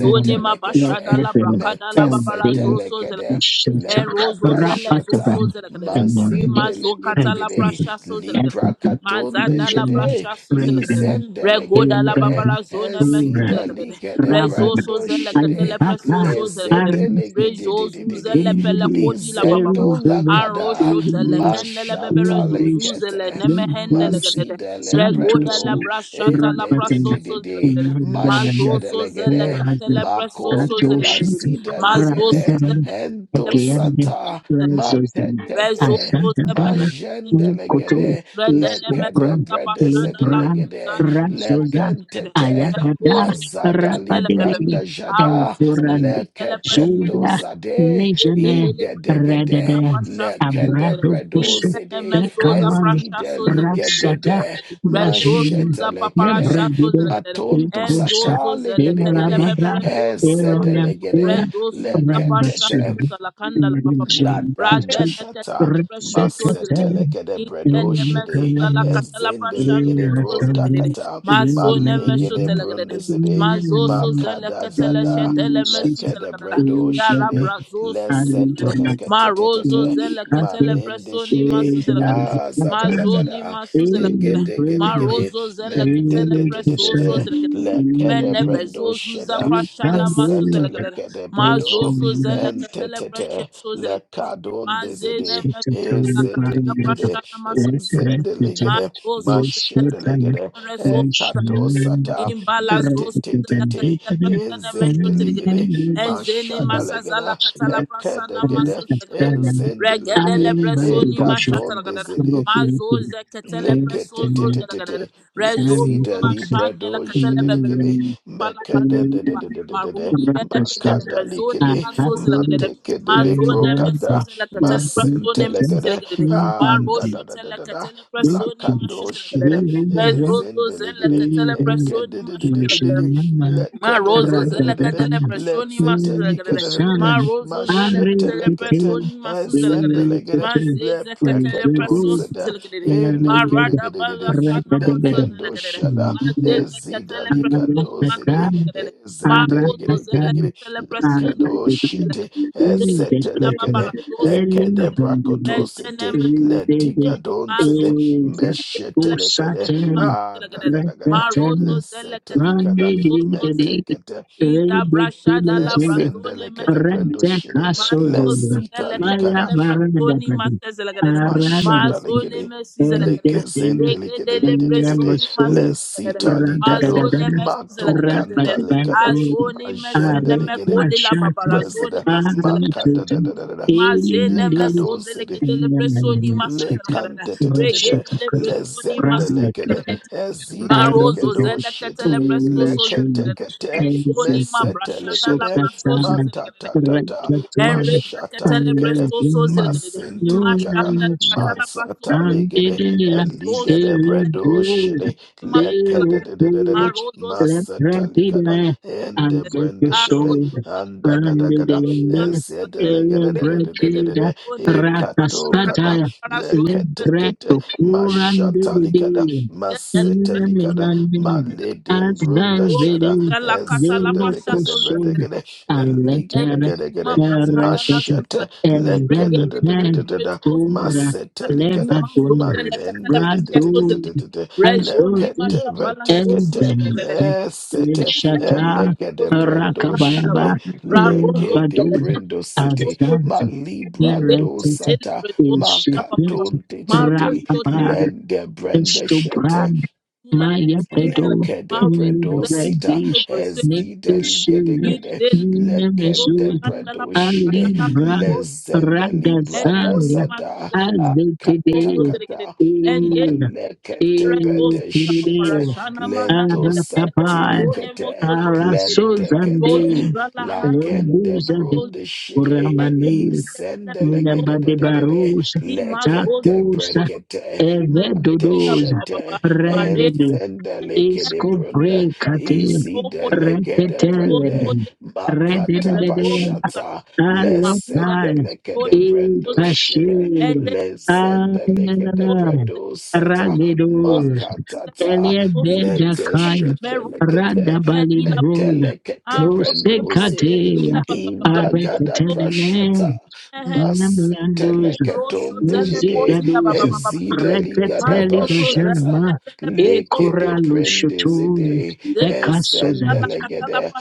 Speaker 3: Zone ma
Speaker 1: Lord
Speaker 3: bashada la
Speaker 1: Heaven
Speaker 3: brakada la
Speaker 1: and
Speaker 3: babara
Speaker 1: the
Speaker 3: zoso zela
Speaker 2: Metesetelekede
Speaker 1: shelter,
Speaker 3: and rozo zele soso
Speaker 2: lekadashata
Speaker 1: Rapatabadi,
Speaker 3: zela kadere.
Speaker 1: and then
Speaker 3: Rima
Speaker 1: get
Speaker 3: zokata
Speaker 1: and
Speaker 3: la
Speaker 2: mazendelegedegede
Speaker 1: simple.
Speaker 3: brasha so zela
Speaker 1: At
Speaker 3: kadere.
Speaker 1: the
Speaker 3: Mazada la
Speaker 1: Benjamin,
Speaker 2: liprakatondejede
Speaker 3: brasha su zela kadere.
Speaker 1: Reagan,
Speaker 3: Regoda la
Speaker 2: izendelegedegede
Speaker 1: Abraham,
Speaker 3: babara zone mesu
Speaker 1: Ura,
Speaker 3: zela kadere.
Speaker 2: ezideligede
Speaker 1: Rabban,
Speaker 3: Rezoso zele
Speaker 2: brandoshede
Speaker 3: katele preso so zela kadere.
Speaker 1: Ayakata,
Speaker 3: Rezozu
Speaker 2: lezedelegedededede
Speaker 3: zele pele
Speaker 1: Rapadevi
Speaker 3: kodi la baba
Speaker 2: lizendo
Speaker 3: baba.
Speaker 2: lakada
Speaker 3: Anro shotele kenele bebere zozu
Speaker 2: mashatalekete
Speaker 3: zele neme hendele kadere.
Speaker 2: masidele
Speaker 3: Regoda
Speaker 2: bredo
Speaker 3: la brashata la prasoso
Speaker 2: endededede
Speaker 3: zela kadere. Mazoso
Speaker 2: mashedelegede
Speaker 3: zelekatele presoso
Speaker 2: makondo la
Speaker 3: zelegede.
Speaker 2: zida
Speaker 3: Mazoso
Speaker 2: ligede
Speaker 3: zelekatele
Speaker 2: ento sata
Speaker 3: presoso.
Speaker 2: matetete
Speaker 3: Rezoso zepesete.
Speaker 2: majende legede
Speaker 3: Redele
Speaker 2: lekede
Speaker 3: mesuta pashada
Speaker 2: bredezede
Speaker 3: la
Speaker 2: legede
Speaker 3: brazana masokatele.
Speaker 2: lekentete
Speaker 3: Reyozo
Speaker 2: mazada
Speaker 3: zelekatele bebebe.
Speaker 2: libranda jada
Speaker 3: Arozo
Speaker 1: and
Speaker 3: zelekatele presoso.
Speaker 1: Zola
Speaker 2: leketendo zade
Speaker 1: Nejene
Speaker 3: Regedele presoso. zele
Speaker 1: redede
Speaker 2: ingedegede
Speaker 3: Prasha
Speaker 2: lekede
Speaker 3: Suzelekere,
Speaker 1: abrado pusu
Speaker 3: Izene
Speaker 1: te
Speaker 2: bredozede
Speaker 3: Mesoza
Speaker 1: kaman
Speaker 3: Prasha
Speaker 2: ezide
Speaker 3: suza
Speaker 1: rasata
Speaker 2: ligedede
Speaker 3: Rezo
Speaker 1: najene
Speaker 3: suza
Speaker 2: mashete
Speaker 3: papara
Speaker 2: lekede
Speaker 3: shato
Speaker 1: nebrogide
Speaker 3: zelegadere.
Speaker 2: matonto
Speaker 3: Enzo
Speaker 1: ikusa
Speaker 3: zo
Speaker 2: sata
Speaker 3: zele kedele
Speaker 2: legedegede
Speaker 3: bebe
Speaker 1: elabada
Speaker 3: rezo so
Speaker 1: elone
Speaker 3: zelegadere.
Speaker 1: kula
Speaker 2: Ezedelegede
Speaker 3: Rezo suza pasha
Speaker 2: leketete
Speaker 1: rendatsu
Speaker 3: suza la kanda la baba baba.
Speaker 1: nejene pusu
Speaker 2: Ladanda
Speaker 3: Radele
Speaker 2: shata
Speaker 3: tetele presho so
Speaker 1: resetete
Speaker 3: zelegadere.
Speaker 2: masetelekede
Speaker 3: Izene
Speaker 2: bredo
Speaker 3: me
Speaker 2: shede
Speaker 3: la
Speaker 1: ilukanani
Speaker 3: katala pasha no
Speaker 2: ezendelegede
Speaker 3: mo so
Speaker 2: bro
Speaker 1: ilasambi
Speaker 2: takata
Speaker 3: Maso
Speaker 1: iladina
Speaker 3: ne me so
Speaker 2: malegede
Speaker 3: telegadere.
Speaker 2: brondezede
Speaker 3: Mazo so
Speaker 1: ilanani
Speaker 3: zele
Speaker 2: makada
Speaker 3: ketele
Speaker 2: zada
Speaker 3: shedele me su
Speaker 1: ilisisi
Speaker 2: lekede
Speaker 3: zelegadere.
Speaker 2: bredo
Speaker 3: Ya
Speaker 2: shede
Speaker 3: rabra zo su
Speaker 1: and
Speaker 3: zelegadere.
Speaker 1: when I
Speaker 3: Ma rozo
Speaker 2: leseteleketetetete
Speaker 1: do
Speaker 3: zele
Speaker 1: that, there
Speaker 3: ketele
Speaker 2: malende
Speaker 3: preso ni ma
Speaker 2: shede
Speaker 3: su
Speaker 1: is an
Speaker 3: zelegadere. Ma
Speaker 2: azada
Speaker 3: zo
Speaker 1: attraction.
Speaker 3: ni
Speaker 2: lagada
Speaker 3: ma su zelegadere.
Speaker 1: Amen. Praise God.
Speaker 2: degedegedegede
Speaker 3: Marozo zelekatele
Speaker 1: Amen. Praise
Speaker 2: mendedededede
Speaker 3: presoso
Speaker 1: God.
Speaker 3: zelekatele.
Speaker 2: lekede
Speaker 3: Mene
Speaker 1: Amen.
Speaker 2: brendo
Speaker 3: bezozu
Speaker 2: sheda
Speaker 1: Praise God.
Speaker 3: zapashana masu
Speaker 1: Amen.
Speaker 3: zelekatele.
Speaker 2: mesetelekede
Speaker 1: Yes,
Speaker 2: bredo
Speaker 3: Mazoso
Speaker 1: amen.
Speaker 3: zelekatele
Speaker 2: entetete
Speaker 3: presoso zelekatele.
Speaker 2: lekadon
Speaker 1: Yes,
Speaker 3: Mazene
Speaker 2: dezede
Speaker 1: it's a
Speaker 3: mesu
Speaker 1: kind of
Speaker 3: zelekatele
Speaker 1: bottom end
Speaker 2: ezedelikede
Speaker 1: up.
Speaker 3: prashana masu
Speaker 1: Yes, yes,
Speaker 3: zelekatele.
Speaker 1: it's a-
Speaker 2: ezendeligede
Speaker 3: Mazozo
Speaker 1: yes, what
Speaker 3: zelekatele
Speaker 1: kind
Speaker 2: mashedelegede
Speaker 1: of- yes,
Speaker 3: presoso
Speaker 1: amen.
Speaker 2: ekatosata
Speaker 3: imbalas
Speaker 1: Right, it's a
Speaker 3: roscuza la
Speaker 1: bend
Speaker 2: metetetete
Speaker 1: deep
Speaker 3: catala
Speaker 1: in it.
Speaker 3: prasana
Speaker 1: Amen.
Speaker 2: ezendeligede
Speaker 3: meshotregede
Speaker 1: Amen. Yes,
Speaker 3: Enzele
Speaker 1: amen.
Speaker 2: mashadalegede
Speaker 3: masazala katala prasana
Speaker 1: Amen.
Speaker 2: ekedegede
Speaker 3: maso
Speaker 1: Amen.
Speaker 3: zegedede.
Speaker 1: Amen.
Speaker 2: ezendeligede
Speaker 3: Regedele
Speaker 1: Amen.
Speaker 3: bresoni
Speaker 1: Amen.
Speaker 2: ekadon
Speaker 3: mashatala gadada.
Speaker 2: dezede
Speaker 1: number of years
Speaker 3: Mazo
Speaker 1: to
Speaker 3: zeketele
Speaker 1: five
Speaker 3: preso zo
Speaker 1: seven
Speaker 3: zegedede.
Speaker 2: Leketetetete,
Speaker 3: Rezo
Speaker 1: seven
Speaker 2: lezida
Speaker 3: suma
Speaker 1: hundred
Speaker 3: shandele
Speaker 2: libredo
Speaker 3: katele bebere.
Speaker 2: shedelegede,
Speaker 3: Pala
Speaker 2: mekedededededede,
Speaker 3: Marudi
Speaker 1: number of
Speaker 3: beleke
Speaker 1: questions
Speaker 3: telebrazoni
Speaker 1: I
Speaker 2: makadalikede,
Speaker 1: have
Speaker 3: masos lekede
Speaker 1: to
Speaker 2: matekedele
Speaker 1: explain
Speaker 3: mazone mesus
Speaker 2: prokata,
Speaker 1: that
Speaker 3: leke
Speaker 1: that
Speaker 3: telebrasone mesus
Speaker 1: question
Speaker 2: masentelekede,
Speaker 3: lekede
Speaker 1: infinity
Speaker 3: marosho teleke
Speaker 2: andadadadadada,
Speaker 1: will
Speaker 3: telebrasoni mashus
Speaker 2: mlakado
Speaker 3: lekede
Speaker 2: shede,
Speaker 1: when the
Speaker 3: rezozo zeleke
Speaker 2: enzendelegede,
Speaker 1: in the
Speaker 3: telebrasoni mashus lekede
Speaker 2: ekedededededede,
Speaker 1: relation number
Speaker 3: Ma rozo
Speaker 1: rather
Speaker 3: zele
Speaker 2: lekedededededede,
Speaker 3: kadele
Speaker 1: than
Speaker 3: pressioni ma suzele
Speaker 1: in the
Speaker 3: kadele.
Speaker 2: letsetelikede,
Speaker 3: Ma
Speaker 1: sun
Speaker 3: rozo
Speaker 1: are
Speaker 3: zele kadele
Speaker 2: mashetelekete,
Speaker 1: taken
Speaker 3: pressioni ma
Speaker 1: in
Speaker 3: suzele kadele.
Speaker 2: ezendelegede,
Speaker 3: Ma
Speaker 1: the
Speaker 3: zeze
Speaker 1: is
Speaker 3: kadele
Speaker 1: a
Speaker 3: pressioni
Speaker 1: good
Speaker 2: leprekatonzede,
Speaker 3: suzele kadele.
Speaker 1: and I
Speaker 3: Ma
Speaker 1: did
Speaker 3: rada bala
Speaker 2: Elegedegedede,
Speaker 3: sana ma
Speaker 1: rather
Speaker 3: suzele
Speaker 2: Lekendo
Speaker 3: kadele.
Speaker 2: shada,
Speaker 3: Ma
Speaker 1: Maya
Speaker 3: zeze
Speaker 2: ezida
Speaker 3: kadele pressioni
Speaker 2: likando
Speaker 3: ma
Speaker 2: zede,
Speaker 3: suzele kadele. Ma rozo zele
Speaker 2: ezendelegedegedegede,
Speaker 3: kadele pressioni
Speaker 2: lekendo
Speaker 3: ma suzele
Speaker 2: shete,
Speaker 3: kadele. Regedi
Speaker 2: esete
Speaker 3: baba la
Speaker 2: lekede,
Speaker 3: dosu.
Speaker 2: ekede brakoto
Speaker 3: zele
Speaker 2: sete,
Speaker 3: kadele.
Speaker 2: ledigado
Speaker 3: Mazo
Speaker 2: zede,
Speaker 3: zele
Speaker 2: meshete lekede,
Speaker 3: prasoni mashiragades.
Speaker 2: adagadagada,
Speaker 3: Marozo zele
Speaker 2: lesete
Speaker 3: ketele
Speaker 2: likada,
Speaker 3: prasoso zele.
Speaker 2: metekete,
Speaker 3: Iza brashada la brazone
Speaker 2: lezendelekede
Speaker 3: mesile.
Speaker 2: brendo shede,
Speaker 3: Mazos
Speaker 2: lesita
Speaker 3: eleke
Speaker 2: likada.
Speaker 1: Maranda
Speaker 3: telebresoni masters elegere.
Speaker 1: Aranda
Speaker 2: Mashada
Speaker 3: Mazone
Speaker 2: legede.
Speaker 3: messes elegere.
Speaker 2: Lekezende
Speaker 3: Regede
Speaker 2: legede de de de de de.
Speaker 3: lebresoni masters elegere.
Speaker 2: Lesita likado.
Speaker 3: Mazone messes
Speaker 2: Mato kanta
Speaker 3: elegere.
Speaker 2: lekada.
Speaker 3: Azoni mesene
Speaker 2: Majende
Speaker 3: me
Speaker 2: legede.
Speaker 3: kode la babara zoni
Speaker 2: President.
Speaker 3: masters elegere.
Speaker 2: Makada da da da
Speaker 3: Mazene mesos
Speaker 2: da da.
Speaker 3: eleke telebresoni masters
Speaker 2: Le
Speaker 3: elegere.
Speaker 2: kante te te te te,
Speaker 3: Regede
Speaker 2: le
Speaker 3: lebresoni
Speaker 2: zende
Speaker 3: masters
Speaker 2: le kede,
Speaker 1: Russia
Speaker 3: elegere.
Speaker 2: ezide le
Speaker 3: Marozo
Speaker 2: kedo
Speaker 1: Arabizade,
Speaker 3: zele
Speaker 2: shete,
Speaker 3: ketele presto
Speaker 2: le
Speaker 3: so zele
Speaker 2: kete
Speaker 3: gele.
Speaker 1: Olayashun,
Speaker 2: kete,
Speaker 3: Enzoni
Speaker 1: Kansas,
Speaker 3: ma
Speaker 2: mesete le
Speaker 3: brashada la
Speaker 2: kede,
Speaker 3: braso so
Speaker 1: Sokatan,
Speaker 3: zele
Speaker 2: mata
Speaker 3: gele.
Speaker 2: ta ta ta,
Speaker 1: Rakatan,
Speaker 3: Enreza
Speaker 2: mashata le
Speaker 3: katala
Speaker 2: kede,
Speaker 3: presto soze
Speaker 1: Andarin,
Speaker 3: legede.
Speaker 2: masente
Speaker 3: Nima
Speaker 2: le kada,
Speaker 3: shanda la
Speaker 1: Yonamushan,
Speaker 3: katala presto
Speaker 2: matsata
Speaker 3: soze.
Speaker 2: le gede,
Speaker 1: Andidia,
Speaker 2: eli
Speaker 3: Rezozo
Speaker 2: gede bredo
Speaker 1: Delbud,
Speaker 2: shete,
Speaker 3: nima
Speaker 2: le
Speaker 3: katala.
Speaker 2: kede
Speaker 3: katala.
Speaker 2: de de de de de,
Speaker 3: Ma
Speaker 1: Delupuch,
Speaker 3: rozo zele.
Speaker 2: masata le kada,
Speaker 1: Lepratida,
Speaker 2: ende brende
Speaker 3: A
Speaker 2: shete,
Speaker 1: Anthroposol,
Speaker 3: rozo zele
Speaker 2: anda gada gada,
Speaker 3: katala
Speaker 1: Andidenda,
Speaker 2: ezede
Speaker 3: legede.
Speaker 2: le gede de de de
Speaker 3: Regedele
Speaker 2: de de de,
Speaker 1: Elebratida,
Speaker 3: presto nima shanda la
Speaker 2: ekato kada
Speaker 3: katala
Speaker 1: Rakasataya,
Speaker 3: para jone presto
Speaker 2: leketekete
Speaker 1: Lebrato,
Speaker 3: legede.
Speaker 2: mashatalikada
Speaker 1: Kurandidi, as
Speaker 3: Regedele presto
Speaker 2: masetelikada
Speaker 3: nima shanda
Speaker 1: thou
Speaker 3: Rozo
Speaker 2: maledembrundashada
Speaker 1: very
Speaker 3: zela katala
Speaker 1: zero
Speaker 3: presto
Speaker 2: ezendelikede
Speaker 3: soze
Speaker 1: question
Speaker 3: legede.
Speaker 2: bredegede
Speaker 1: a letter
Speaker 3: Enreza ma
Speaker 2: eligedegedegede
Speaker 3: brashada la
Speaker 1: erect
Speaker 3: soze
Speaker 2: mashete
Speaker 3: legede.
Speaker 1: and then then
Speaker 2: lekededededededa
Speaker 3: Regedele
Speaker 1: to
Speaker 2: masetelikada
Speaker 1: Lebanon
Speaker 3: Mazozele katele paske
Speaker 1: Radu
Speaker 3: sozele.
Speaker 2: malendedededededede
Speaker 3: Rezoni
Speaker 1: Azur
Speaker 3: masha pala
Speaker 1: and
Speaker 3: sosu
Speaker 2: leketevetekete
Speaker 1: then
Speaker 3: zele.
Speaker 2: esete
Speaker 3: Lekele
Speaker 1: Shata
Speaker 3: sosu zele
Speaker 2: elegedebrendo
Speaker 3: katele laba.
Speaker 2: shede
Speaker 1: Rakabayaba in
Speaker 3: Rarozo zele
Speaker 1: Badul
Speaker 3: tele
Speaker 2: lekedebrendo
Speaker 3: pasko
Speaker 2: sete
Speaker 3: sozele.
Speaker 1: Azant
Speaker 3: Ize
Speaker 2: malibrando
Speaker 1: Narrated
Speaker 3: tele
Speaker 2: sata
Speaker 3: preso
Speaker 1: in
Speaker 3: zele papa papa.
Speaker 1: Shapit
Speaker 2: Makaton
Speaker 3: Maro
Speaker 2: Tichiti,
Speaker 3: so tele
Speaker 2: Lende Brenda
Speaker 3: tele
Speaker 2: Shete,
Speaker 1: Estobran,
Speaker 3: tula
Speaker 1: Maya
Speaker 3: tele.
Speaker 1: Pedro,
Speaker 2: Lekede
Speaker 3: Maro
Speaker 2: bredo
Speaker 3: zele
Speaker 2: sita
Speaker 3: tele
Speaker 1: Redish,
Speaker 3: preso tele.
Speaker 2: ezideli gede
Speaker 1: Nepusul,
Speaker 2: gede
Speaker 3: Ize le sosu
Speaker 2: lekende
Speaker 1: Nemezul,
Speaker 3: kanda
Speaker 2: bredo
Speaker 1: Ali
Speaker 2: shire
Speaker 3: laba.
Speaker 1: Ran,
Speaker 2: lezendeli
Speaker 3: and
Speaker 2: brada
Speaker 3: only
Speaker 1: Ragazan,
Speaker 3: Matthew
Speaker 2: zada
Speaker 3: that also
Speaker 1: Azekede,
Speaker 3: delegated
Speaker 2: akatakata
Speaker 3: and yes
Speaker 1: El,
Speaker 2: malekete
Speaker 3: Rekosa
Speaker 2: bede shete
Speaker 1: El,
Speaker 3: paparashana
Speaker 2: leto
Speaker 3: mahandele
Speaker 1: Aratapai,
Speaker 3: done
Speaker 2: satilikete
Speaker 3: moso dele rozu
Speaker 2: lentekete
Speaker 1: Arasozande,
Speaker 3: rala handa
Speaker 2: lagende
Speaker 1: Roguzade,
Speaker 3: kosa
Speaker 2: brunde shire
Speaker 3: enge zetele
Speaker 2: izendele gede de de
Speaker 3: kosa
Speaker 2: de de
Speaker 1: Nabadebarosa,
Speaker 3: ima kosa
Speaker 2: lekete
Speaker 1: Takusa,
Speaker 3: koloto
Speaker 2: brekete
Speaker 3: sele kedila
Speaker 1: Evedodosa,
Speaker 3: baba baba
Speaker 2: mateshete
Speaker 3: mare
Speaker 1: Rendede,
Speaker 2: Enzendelekede
Speaker 1: Isco
Speaker 2: brunda.
Speaker 1: Brecate,
Speaker 3: maroko
Speaker 2: Izidelegede brende.
Speaker 1: Reteteled,
Speaker 3: koso
Speaker 2: Makata
Speaker 3: Resources
Speaker 1: Rededede,
Speaker 2: bashata.
Speaker 3: Makuda
Speaker 1: Aletal,
Speaker 2: Lesetelekede
Speaker 3: Bashone
Speaker 2: brendo
Speaker 3: Soze
Speaker 2: shede.
Speaker 1: Itashir,
Speaker 3: Ere
Speaker 2: Lesendelekede
Speaker 3: Soze
Speaker 1: Ananana,
Speaker 2: brendo sata.
Speaker 3: Soze
Speaker 1: Ragedos,
Speaker 2: Makatata.
Speaker 3: Soze
Speaker 2: Lete
Speaker 1: Eliebejakaya,
Speaker 3: Mero
Speaker 2: shetelekete.
Speaker 3: Teledila Baba
Speaker 1: Radabalibrosa,
Speaker 2: Metelekete
Speaker 3: Arosho
Speaker 2: brendo zide.
Speaker 3: Teledila
Speaker 1: Nosekate,
Speaker 3: Baba Baba
Speaker 2: Indagada
Speaker 3: Soze
Speaker 2: brashata.
Speaker 1: Aretetelenen,
Speaker 3: Mehen
Speaker 1: Namlandos,
Speaker 3: Rosho
Speaker 2: Maseteleketon dejede.
Speaker 3: Telepotila
Speaker 1: Nozigados,
Speaker 3: Baba Baba
Speaker 2: Ezida ligada
Speaker 1: Rekateli
Speaker 3: Mazoso
Speaker 2: bashata.
Speaker 3: Zele
Speaker 1: Bajanama,
Speaker 3: Tele Soze
Speaker 2: Lekede
Speaker 1: Ekoralus Shutun,
Speaker 2: brendezede,
Speaker 1: Bekasozan,
Speaker 2: ezendelegede,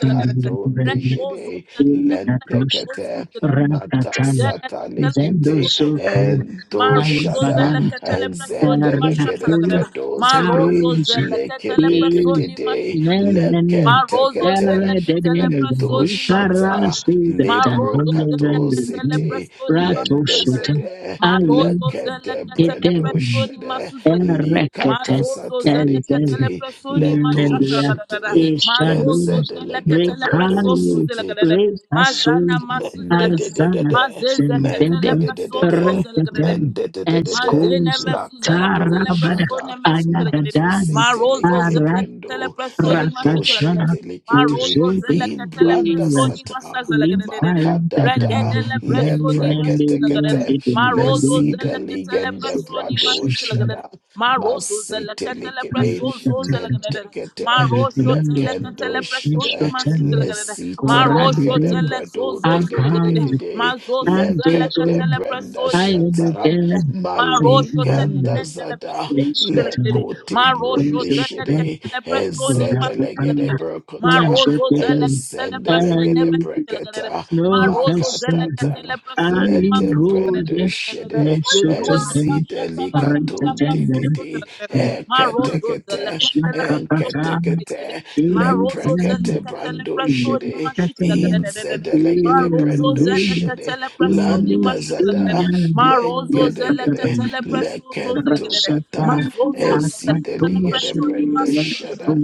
Speaker 1: and Natos,
Speaker 2: lentekete,
Speaker 1: Rakatan,
Speaker 2: matasatalikete,
Speaker 1: Zendosokan, Mayan
Speaker 3: Marozo
Speaker 2: endoshada,
Speaker 3: zele
Speaker 1: Barant,
Speaker 3: ketele
Speaker 2: enzendelegede
Speaker 1: Rakun,
Speaker 2: bredozede,
Speaker 1: Tarus,
Speaker 2: lekedededede, lekentekete, etoshata, leprokatosete, lendezede, lekede
Speaker 3: personi
Speaker 2: brendoshede,
Speaker 3: masuzi
Speaker 2: likata
Speaker 3: Mazozo
Speaker 2: sata
Speaker 3: zele ketele
Speaker 2: likiti
Speaker 3: presoni
Speaker 2: leto
Speaker 3: mashata gada gada.
Speaker 2: shiti
Speaker 3: Mazozo
Speaker 2: ezede
Speaker 3: zele
Speaker 2: legede
Speaker 3: ketele preso
Speaker 2: bredo
Speaker 3: suzele
Speaker 2: siti
Speaker 3: gada gada. Mazana masuzele
Speaker 2: Mende
Speaker 3: gada
Speaker 2: de
Speaker 3: gada.
Speaker 2: de de de.
Speaker 3: Mazeze ketele
Speaker 2: Mende de de
Speaker 3: preso
Speaker 2: de de.
Speaker 3: zozele gada gada.
Speaker 2: Mende de de de de.
Speaker 3: Mazene
Speaker 1: Escos,
Speaker 3: mesuzela
Speaker 2: Lakado
Speaker 3: ketele
Speaker 1: Tarabada,
Speaker 3: presone
Speaker 2: shada.
Speaker 3: mesuzela ketele. ma
Speaker 2: Mato se
Speaker 1: Ayadadani,
Speaker 3: Marozo
Speaker 2: telekede
Speaker 3: zela ketele
Speaker 2: brendo.
Speaker 3: presoni
Speaker 2: Eto
Speaker 3: mashutela
Speaker 2: she
Speaker 3: ketele.
Speaker 1: Rakashana
Speaker 3: ma
Speaker 2: telekete.
Speaker 3: Marozo
Speaker 1: Uzobis
Speaker 3: zela ketele
Speaker 2: Imbranda
Speaker 3: presoni
Speaker 1: Iras
Speaker 2: sata.
Speaker 3: masazela ketele.
Speaker 1: Limpalanda
Speaker 2: Makadada
Speaker 3: Regedele
Speaker 2: le
Speaker 3: presoni mashutela ketele.
Speaker 2: preketekete
Speaker 3: ma
Speaker 2: le
Speaker 3: Marozo
Speaker 2: zida
Speaker 3: zela ketele
Speaker 2: ligende
Speaker 3: presoni
Speaker 2: brado
Speaker 3: mashutela ketele.
Speaker 2: shada
Speaker 3: Marozo zela
Speaker 2: masete
Speaker 3: ketele
Speaker 2: likede
Speaker 3: presozo zela ketele.
Speaker 2: mentekete
Speaker 3: Marosho
Speaker 2: le
Speaker 3: tele ketele
Speaker 2: kendo shada
Speaker 3: presoni mashutela ketele.
Speaker 2: Lesita
Speaker 3: Marosho
Speaker 2: lika de
Speaker 3: tele
Speaker 2: brado
Speaker 3: sozo
Speaker 2: de de
Speaker 3: zela
Speaker 2: de de
Speaker 3: ketele.
Speaker 2: de de.
Speaker 3: Mazosu zela
Speaker 2: Leke de
Speaker 3: ketele
Speaker 2: brenda
Speaker 3: presoni mashutela
Speaker 2: shata.
Speaker 3: ketele. Ma rosho tele
Speaker 2: Maliganda
Speaker 3: kendele
Speaker 2: zada.
Speaker 3: bresozu zelekelele. Ma
Speaker 2: Lekote
Speaker 3: rosho
Speaker 2: brunde
Speaker 3: tele
Speaker 2: shede.
Speaker 3: kendele presoni
Speaker 2: Ezede
Speaker 3: mas
Speaker 2: legede
Speaker 3: zelekelele. Ma
Speaker 2: brokota.
Speaker 3: rozo zele kendele
Speaker 2: Ezende
Speaker 3: presene
Speaker 2: legede
Speaker 3: mes zelekelele.
Speaker 2: breketa.
Speaker 3: Ma
Speaker 1: no
Speaker 3: rozo zele
Speaker 1: passenger.
Speaker 3: kendele
Speaker 2: Makatata.
Speaker 3: presoni
Speaker 1: Ali
Speaker 3: mas
Speaker 2: Lede
Speaker 1: Rose,
Speaker 2: brende
Speaker 3: zelekelele.
Speaker 2: shede.
Speaker 3: Rezoni
Speaker 1: Lesutakan,
Speaker 3: masha
Speaker 2: Ezide
Speaker 3: tala
Speaker 2: lika
Speaker 3: katala
Speaker 2: tunti
Speaker 1: Rentatender,
Speaker 3: presoso
Speaker 2: titi.
Speaker 3: zelekelele. Ma
Speaker 2: Ekete
Speaker 3: rozo zele
Speaker 2: kete.
Speaker 3: kendele presoso
Speaker 2: Enkete
Speaker 1: Shakapata,
Speaker 2: kete le
Speaker 1: Daily
Speaker 3: Marozo zele
Speaker 2: prakete
Speaker 3: katele
Speaker 2: brando
Speaker 3: presoni
Speaker 2: jede
Speaker 3: mashitela
Speaker 1: Catalan,
Speaker 3: gadadadadada.
Speaker 2: inzede legede
Speaker 3: Marozo
Speaker 2: brando
Speaker 3: zele
Speaker 1: Daily
Speaker 2: jede
Speaker 3: katele presoni
Speaker 1: Daily
Speaker 2: landa
Speaker 3: mashitela gadada.
Speaker 2: zada
Speaker 3: Marozo
Speaker 2: lengede
Speaker 3: zele
Speaker 1: Daily
Speaker 2: gede
Speaker 3: katele presozo zele
Speaker 2: lekento
Speaker 3: gadada.
Speaker 2: kata
Speaker 3: Mazozo zele
Speaker 2: ezide
Speaker 3: katele
Speaker 2: ligede
Speaker 3: presoni
Speaker 2: brando
Speaker 3: masuzela
Speaker 2: shada
Speaker 3: gadada.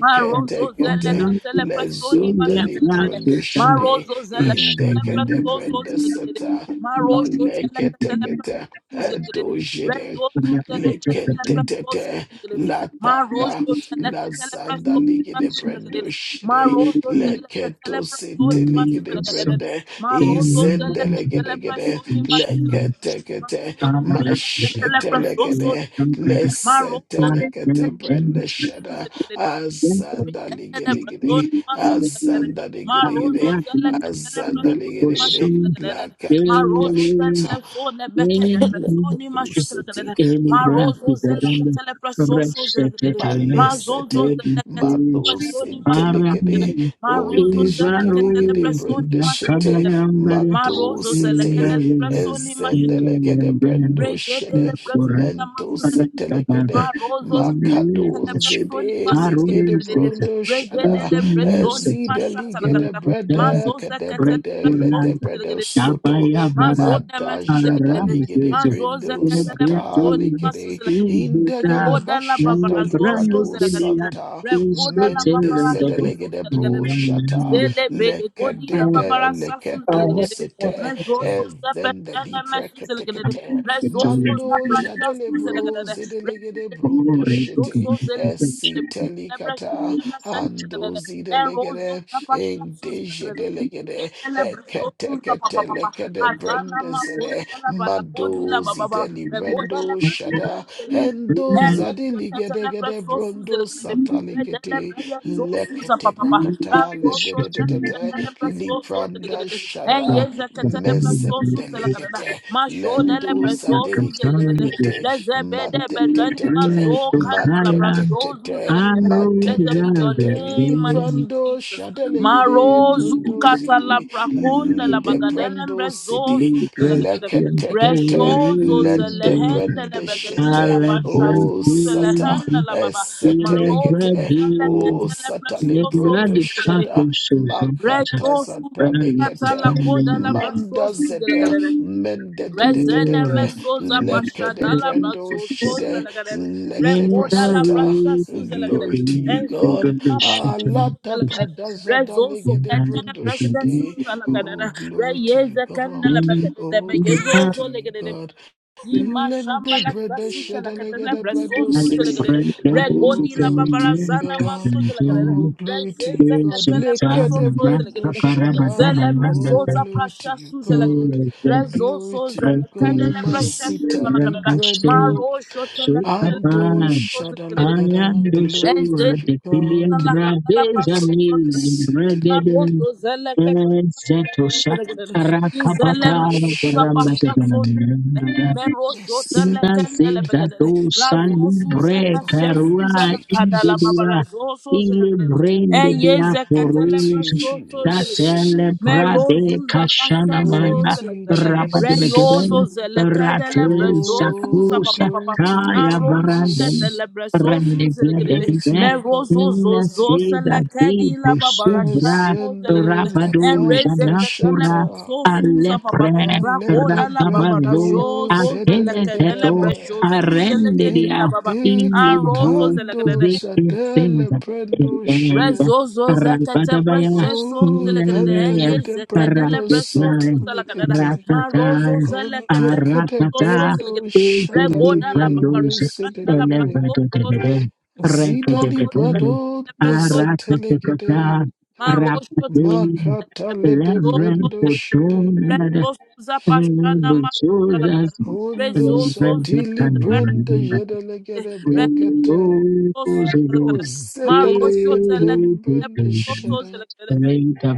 Speaker 3: Marozo zele
Speaker 2: kete
Speaker 3: ketele presoni
Speaker 2: lezonde li
Speaker 3: mashutele gedede.
Speaker 2: brando jede
Speaker 3: Marozo zele ketele
Speaker 2: indekede
Speaker 3: presozo
Speaker 2: brando
Speaker 3: zelegedede.
Speaker 2: sata
Speaker 3: Marozo zele gedede. Marojo tele
Speaker 2: balekete
Speaker 3: ketele
Speaker 2: kete
Speaker 3: presozo zele gedede.
Speaker 2: edo jede
Speaker 3: Rezozo zele ketele
Speaker 2: lekente
Speaker 3: presozo
Speaker 2: tete
Speaker 3: zelegedede.
Speaker 2: la
Speaker 3: Marozo zele
Speaker 2: Lazanda ligede brendo
Speaker 3: gedede.
Speaker 2: shide
Speaker 3: Marojo tele ketele
Speaker 2: leketo
Speaker 3: presoni
Speaker 2: sete ligede
Speaker 3: mashutele gedede.
Speaker 2: brende
Speaker 3: Marozo zele
Speaker 2: izende
Speaker 3: ketele
Speaker 2: legede gede
Speaker 3: presoni mashutele
Speaker 2: lekete
Speaker 3: gedede.
Speaker 2: kete
Speaker 3: Marozo zele ketele
Speaker 2: mashete
Speaker 3: presoni mashutele gedede. Marozo zele ketele presozo zele gedede.
Speaker 2: legede
Speaker 3: Marozo
Speaker 2: lesete
Speaker 3: zele ketele
Speaker 2: lekete brende
Speaker 3: presozo
Speaker 2: shada
Speaker 3: zelegedede.
Speaker 1: Something
Speaker 2: azanda
Speaker 3: Rigadele
Speaker 2: ligede
Speaker 1: Thank
Speaker 2: gede
Speaker 3: brazoni masuta lagadele.
Speaker 2: azanda
Speaker 3: Ma
Speaker 2: ligede
Speaker 3: rozo
Speaker 2: gede
Speaker 3: zele ketele
Speaker 2: azanda
Speaker 3: brazoni
Speaker 2: ligede gede
Speaker 3: masuta lagadele. Ma
Speaker 2: lakata
Speaker 3: rozo zele
Speaker 2: mashata
Speaker 3: blefone bekede brazoni
Speaker 2: leketo
Speaker 1: you.
Speaker 3: masuta lagadele.
Speaker 2: sete
Speaker 1: Any
Speaker 3: Ma
Speaker 1: breath
Speaker 3: rozo
Speaker 1: is a
Speaker 3: zele
Speaker 1: danger.
Speaker 3: ketele brazoso
Speaker 1: Rest
Speaker 3: zele
Speaker 1: at a
Speaker 3: lagadele. Ma
Speaker 1: time.
Speaker 3: zozo
Speaker 2: Balesete,
Speaker 3: zele
Speaker 1: Every
Speaker 3: ketele
Speaker 1: push.
Speaker 2: Matos
Speaker 3: brazoni masuta lagadele.
Speaker 2: intelegede,
Speaker 1: Aramaya.
Speaker 3: Ma rozo
Speaker 2: onde
Speaker 3: zele
Speaker 1: Ivaro.
Speaker 3: ketele
Speaker 2: jedeligede
Speaker 3: brazoni
Speaker 2: brende
Speaker 3: masuta
Speaker 2: shete,
Speaker 3: lagadele.
Speaker 1: Yakabayambara.
Speaker 3: Ma rozo zele
Speaker 2: Matosete,
Speaker 3: ketele
Speaker 1: Ilalala.
Speaker 3: brazoni masuta lagadele.
Speaker 2: ezendelegede
Speaker 1: Ilalala.
Speaker 2: brendo
Speaker 3: Regedele
Speaker 2: shede,
Speaker 1: Ikora.
Speaker 3: brasuna masuzele.
Speaker 1: Adakadaba.
Speaker 2: mentosetelegede,
Speaker 3: Marozo zele ketele
Speaker 1: Ilalala.
Speaker 3: brasoni
Speaker 1: Karo.
Speaker 3: masuzele.
Speaker 2: makadonzedelegede
Speaker 1: Sensei.
Speaker 2: brondo shada,
Speaker 3: Regedele brasoni
Speaker 1: Adamilsata.
Speaker 3: mashata
Speaker 2: ezideligede
Speaker 3: lagada.
Speaker 1: Rekatandi.
Speaker 2: brede,
Speaker 3: Mazoze
Speaker 2: kede
Speaker 3: ketele
Speaker 2: brede, lede
Speaker 1: Rekulanda.
Speaker 2: brede
Speaker 3: brasosuzele.
Speaker 2: soto,
Speaker 1: Yabayabara.
Speaker 3: Mazona mesuzelekele.
Speaker 2: madajadaligede
Speaker 1: Aramsese.
Speaker 3: Mazoza
Speaker 2: brendo
Speaker 3: katala prasoni
Speaker 1: Lebredun
Speaker 2: satalikede,
Speaker 3: masuzelekele.
Speaker 1: in Hisa
Speaker 2: Indegada
Speaker 3: Rekoda la
Speaker 2: bashada
Speaker 3: babara zoso
Speaker 1: Lebrande
Speaker 2: librado
Speaker 3: zelekele.
Speaker 1: Kenya
Speaker 2: santa
Speaker 1: is
Speaker 3: Rekoda
Speaker 1: to
Speaker 3: la
Speaker 1: tell
Speaker 2: mende
Speaker 3: babara
Speaker 1: everybody.
Speaker 3: shazo
Speaker 2: zedelegede bro
Speaker 3: zelekele.
Speaker 2: shata
Speaker 1: Amen.
Speaker 3: Zele bele godi la
Speaker 1: And
Speaker 2: lekedede
Speaker 3: babara sasu
Speaker 1: I
Speaker 2: leketo
Speaker 3: zelekele.
Speaker 1: have
Speaker 2: sete
Speaker 1: to tell
Speaker 3: Rezoso
Speaker 2: ezende
Speaker 3: zepetene mesuzelekele.
Speaker 2: libreketekete
Speaker 3: Rezoso
Speaker 1: them.
Speaker 2: mando jadele
Speaker 3: zaprashasu
Speaker 2: bro
Speaker 3: zelekele.
Speaker 2: zedelegede brondo
Speaker 1: Glory to
Speaker 2: shete
Speaker 3: Rosso
Speaker 1: God.
Speaker 3: zelekende lebra
Speaker 2: esitelikata
Speaker 3: shema senzele
Speaker 2: ando
Speaker 3: kadede. En rozo
Speaker 2: zidelegede
Speaker 3: zapa shatsu
Speaker 2: ende
Speaker 3: zelekadede.
Speaker 2: jedelegede
Speaker 3: Yebele breso tuza pa pa
Speaker 2: eketekete
Speaker 3: pa pa.
Speaker 2: lekede
Speaker 3: Mazana
Speaker 2: brende
Speaker 3: ma
Speaker 2: zede
Speaker 3: kunta la ba la kodi la
Speaker 2: mado
Speaker 3: ba ba ba.
Speaker 2: zideli brendo shada
Speaker 3: tuza zelekadede.
Speaker 2: Endo
Speaker 3: En rezo
Speaker 2: zadili
Speaker 3: tata
Speaker 2: gede
Speaker 3: le
Speaker 2: gede
Speaker 3: breso tuza
Speaker 2: brondo satalikete lekete brakata le de de de de de lipranda shada
Speaker 1: Amen. Amen.
Speaker 2: mezendelikete
Speaker 1: Yet,
Speaker 2: lendo zadeliki prikete matetetete matetetete
Speaker 3: Blessed be your
Speaker 2: matetetete
Speaker 3: name, mighty
Speaker 2: liprando
Speaker 3: Jesus.
Speaker 2: shadelegede
Speaker 3: Marozu
Speaker 2: brondo
Speaker 3: katala
Speaker 2: zide
Speaker 3: prakonda la
Speaker 2: lide
Speaker 3: bagadele
Speaker 2: brendo sidi
Speaker 3: mbrezozu zelagadele.
Speaker 2: leketekete
Speaker 3: Reshozo
Speaker 2: lende
Speaker 3: zelehende
Speaker 2: brende shete
Speaker 3: lebegedia
Speaker 2: O
Speaker 3: bashazu
Speaker 2: sata
Speaker 3: zelehende lababa marozu
Speaker 2: esetelekete. O
Speaker 3: zeleketele
Speaker 2: sata
Speaker 3: presoso
Speaker 2: lebrondo
Speaker 3: zelegedere
Speaker 2: shada makata
Speaker 3: rezosu
Speaker 2: sata
Speaker 3: katala
Speaker 2: lekete.
Speaker 3: koda la
Speaker 2: Manda
Speaker 3: brasosu
Speaker 1: Thank
Speaker 2: zede
Speaker 3: zelegedere
Speaker 2: mende de de de de
Speaker 3: Rezene
Speaker 2: de
Speaker 3: mesoza pasha
Speaker 2: leke de
Speaker 3: dala
Speaker 2: brando
Speaker 3: brazo soza
Speaker 2: shede
Speaker 3: lagare
Speaker 2: lete
Speaker 3: rekoda la
Speaker 2: brasata.
Speaker 3: brasha suza lagare
Speaker 2: Glory to you,
Speaker 3: enzo
Speaker 2: God.
Speaker 3: ma basha suza
Speaker 2: Alata
Speaker 3: lagare
Speaker 2: brada zada
Speaker 3: rezo so
Speaker 2: lege de
Speaker 3: kenda la
Speaker 2: brondo
Speaker 3: brasha
Speaker 2: shede.
Speaker 3: suza lagare
Speaker 2: Oh, glory to you,
Speaker 3: reyeze kenda la
Speaker 2: God.
Speaker 3: bagade de
Speaker 2: Oh,
Speaker 3: begezo
Speaker 2: glory
Speaker 3: zo
Speaker 2: to you,
Speaker 3: lagare
Speaker 2: God.
Speaker 1: you.
Speaker 3: Ima shamba
Speaker 2: Lende
Speaker 3: la
Speaker 2: brada
Speaker 3: kasuta la katana
Speaker 2: shadalegada
Speaker 3: braso
Speaker 2: brado
Speaker 3: zuza la
Speaker 2: city.
Speaker 3: gadada. Re
Speaker 2: Oh,
Speaker 3: la
Speaker 2: glory to
Speaker 3: babara
Speaker 2: you, God.
Speaker 3: maso de la gadada.
Speaker 2: Oh,
Speaker 3: Re
Speaker 2: glory to you,
Speaker 3: zeze
Speaker 2: God.
Speaker 3: katele braso
Speaker 2: Lekada
Speaker 3: soza la
Speaker 2: brando
Speaker 3: gadada.
Speaker 2: shada.
Speaker 3: Izele
Speaker 2: Oh,
Speaker 3: mesoza
Speaker 2: glory to
Speaker 3: prasha
Speaker 2: you,
Speaker 3: suza la gadada.
Speaker 2: God.
Speaker 3: Re zo
Speaker 2: Glory to
Speaker 3: soza
Speaker 2: you,
Speaker 3: la
Speaker 2: God.
Speaker 3: prasha suza
Speaker 2: Masita
Speaker 3: la
Speaker 2: libredo
Speaker 3: Maro shota la katele
Speaker 2: ando
Speaker 3: braso
Speaker 1: Sukatan.
Speaker 3: soza la gadada.
Speaker 2: shadalagada.
Speaker 1: Ayando
Speaker 2: Glory
Speaker 1: soa
Speaker 2: to
Speaker 3: Ezene
Speaker 2: you,
Speaker 1: de pilian
Speaker 2: God.
Speaker 3: la katala
Speaker 1: radeza
Speaker 3: paso so
Speaker 1: mil
Speaker 3: zele.
Speaker 2: Masitali-
Speaker 1: regeden
Speaker 3: Arozo zele ke paso so
Speaker 1: setosa
Speaker 3: zele gele. Izele
Speaker 1: rakapata
Speaker 3: me kuza
Speaker 1: paramba
Speaker 3: pasha
Speaker 2: Mashatali-
Speaker 3: so zele. Mero shote le
Speaker 2: Masitali-
Speaker 3: kendele
Speaker 1: Inazeza
Speaker 3: begele.
Speaker 1: dosa
Speaker 3: Razo suze
Speaker 1: libre
Speaker 2: Oh,
Speaker 3: peshe
Speaker 2: glory
Speaker 3: suze
Speaker 2: to
Speaker 1: karua
Speaker 3: la
Speaker 2: you,
Speaker 3: kadala
Speaker 2: Jesus.
Speaker 3: babala
Speaker 1: indedira
Speaker 3: zo so zele
Speaker 1: ile
Speaker 3: gele.
Speaker 1: brende
Speaker 3: Enye
Speaker 1: dia
Speaker 2: Glory
Speaker 3: zeketele
Speaker 2: to
Speaker 1: koruz
Speaker 2: you,
Speaker 3: paso so zele gele.
Speaker 2: Jesus.
Speaker 1: datele brade
Speaker 3: Merozuza
Speaker 1: kashana
Speaker 3: pasa
Speaker 2: Glory
Speaker 1: mana
Speaker 3: soza
Speaker 2: to you,
Speaker 3: lekede.
Speaker 1: raba de
Speaker 2: Jesus.
Speaker 3: Reyozo
Speaker 1: begeben
Speaker 3: zelekede
Speaker 1: rate
Speaker 3: lebrezo suza
Speaker 2: Oh,
Speaker 3: pa pa
Speaker 1: sakusa
Speaker 3: pa pa.
Speaker 2: glory to you,
Speaker 1: kaya
Speaker 3: Aronzu kete
Speaker 1: baranden
Speaker 2: Jesus.
Speaker 3: lebrezo
Speaker 1: rende
Speaker 3: suza
Speaker 1: blede
Speaker 3: lekede.
Speaker 2: Glory to
Speaker 1: bide
Speaker 2: you, God
Speaker 3: Merozo zo zo
Speaker 2: Almighty.
Speaker 1: inazeza
Speaker 3: selekedi
Speaker 1: devo
Speaker 3: la babara
Speaker 1: subra
Speaker 3: shaso zelekede.
Speaker 2: Ezendo
Speaker 1: rabado
Speaker 3: Enreze
Speaker 2: lakanta
Speaker 3: kete
Speaker 1: janakura
Speaker 2: shata.
Speaker 3: lebrezo suza pa pa.
Speaker 1: alepre
Speaker 3: Rakoda
Speaker 2: Malede
Speaker 3: la babara
Speaker 1: rabamado
Speaker 2: brendo
Speaker 3: jozo zelekede
Speaker 1: Ateleteto
Speaker 3: lebrezo
Speaker 2: zedelegede.
Speaker 3: suza lekede la
Speaker 1: arendia
Speaker 3: baba.
Speaker 2: Inte
Speaker 3: Arozo
Speaker 1: ilivu
Speaker 2: katando
Speaker 3: zelekede.
Speaker 2: zadele
Speaker 1: zikisenza
Speaker 2: brendo
Speaker 1: elenda
Speaker 2: shede.
Speaker 3: Rezozo zekete
Speaker 1: rabadabaya
Speaker 3: precious so
Speaker 2: Oh,
Speaker 3: zelekete
Speaker 1: nenea
Speaker 3: henge
Speaker 2: candele de
Speaker 3: zekedele
Speaker 2: brendo
Speaker 3: breso su
Speaker 1: raketai
Speaker 3: zelekete
Speaker 2: satalegete.
Speaker 3: ma rozo
Speaker 1: ratatai
Speaker 3: zelekete
Speaker 2: Ontekete
Speaker 3: so so
Speaker 1: aratata
Speaker 3: zelekete
Speaker 2: brando
Speaker 1: izili
Speaker 3: regoda la
Speaker 2: shadalegede
Speaker 3: baba
Speaker 1: brandoze
Speaker 3: randa la
Speaker 2: rezedelegede.
Speaker 3: braso so
Speaker 1: elevadotere
Speaker 3: zelekete so
Speaker 2: Zidali
Speaker 3: so
Speaker 1: rekededebone
Speaker 2: brado
Speaker 3: zelekete
Speaker 2: de
Speaker 3: preso
Speaker 2: setelegede.
Speaker 1: araketekata
Speaker 3: ma rozo
Speaker 1: rapate
Speaker 2: Makata
Speaker 3: zelekete
Speaker 2: lede
Speaker 3: so
Speaker 1: levren
Speaker 3: so
Speaker 2: brando
Speaker 3: zelekete
Speaker 2: shde.
Speaker 3: rezo suza pashana
Speaker 1: Able
Speaker 3: ma
Speaker 1: to
Speaker 3: zelekete
Speaker 1: us
Speaker 2: Ondo
Speaker 1: and
Speaker 3: rezozo
Speaker 1: every
Speaker 2: zadili
Speaker 1: kind
Speaker 3: zekete
Speaker 1: of
Speaker 3: pere
Speaker 2: brando
Speaker 1: man.
Speaker 2: jedelegede
Speaker 3: regedo
Speaker 2: brakata.
Speaker 1: Oh,
Speaker 3: su
Speaker 1: so good.
Speaker 2: O
Speaker 3: zelekete ma rozo
Speaker 2: zedelegede
Speaker 3: zelekete
Speaker 2: brando
Speaker 1: Irritating.
Speaker 3: preso so
Speaker 2: shada.
Speaker 3: zelekete
Speaker 1: Renta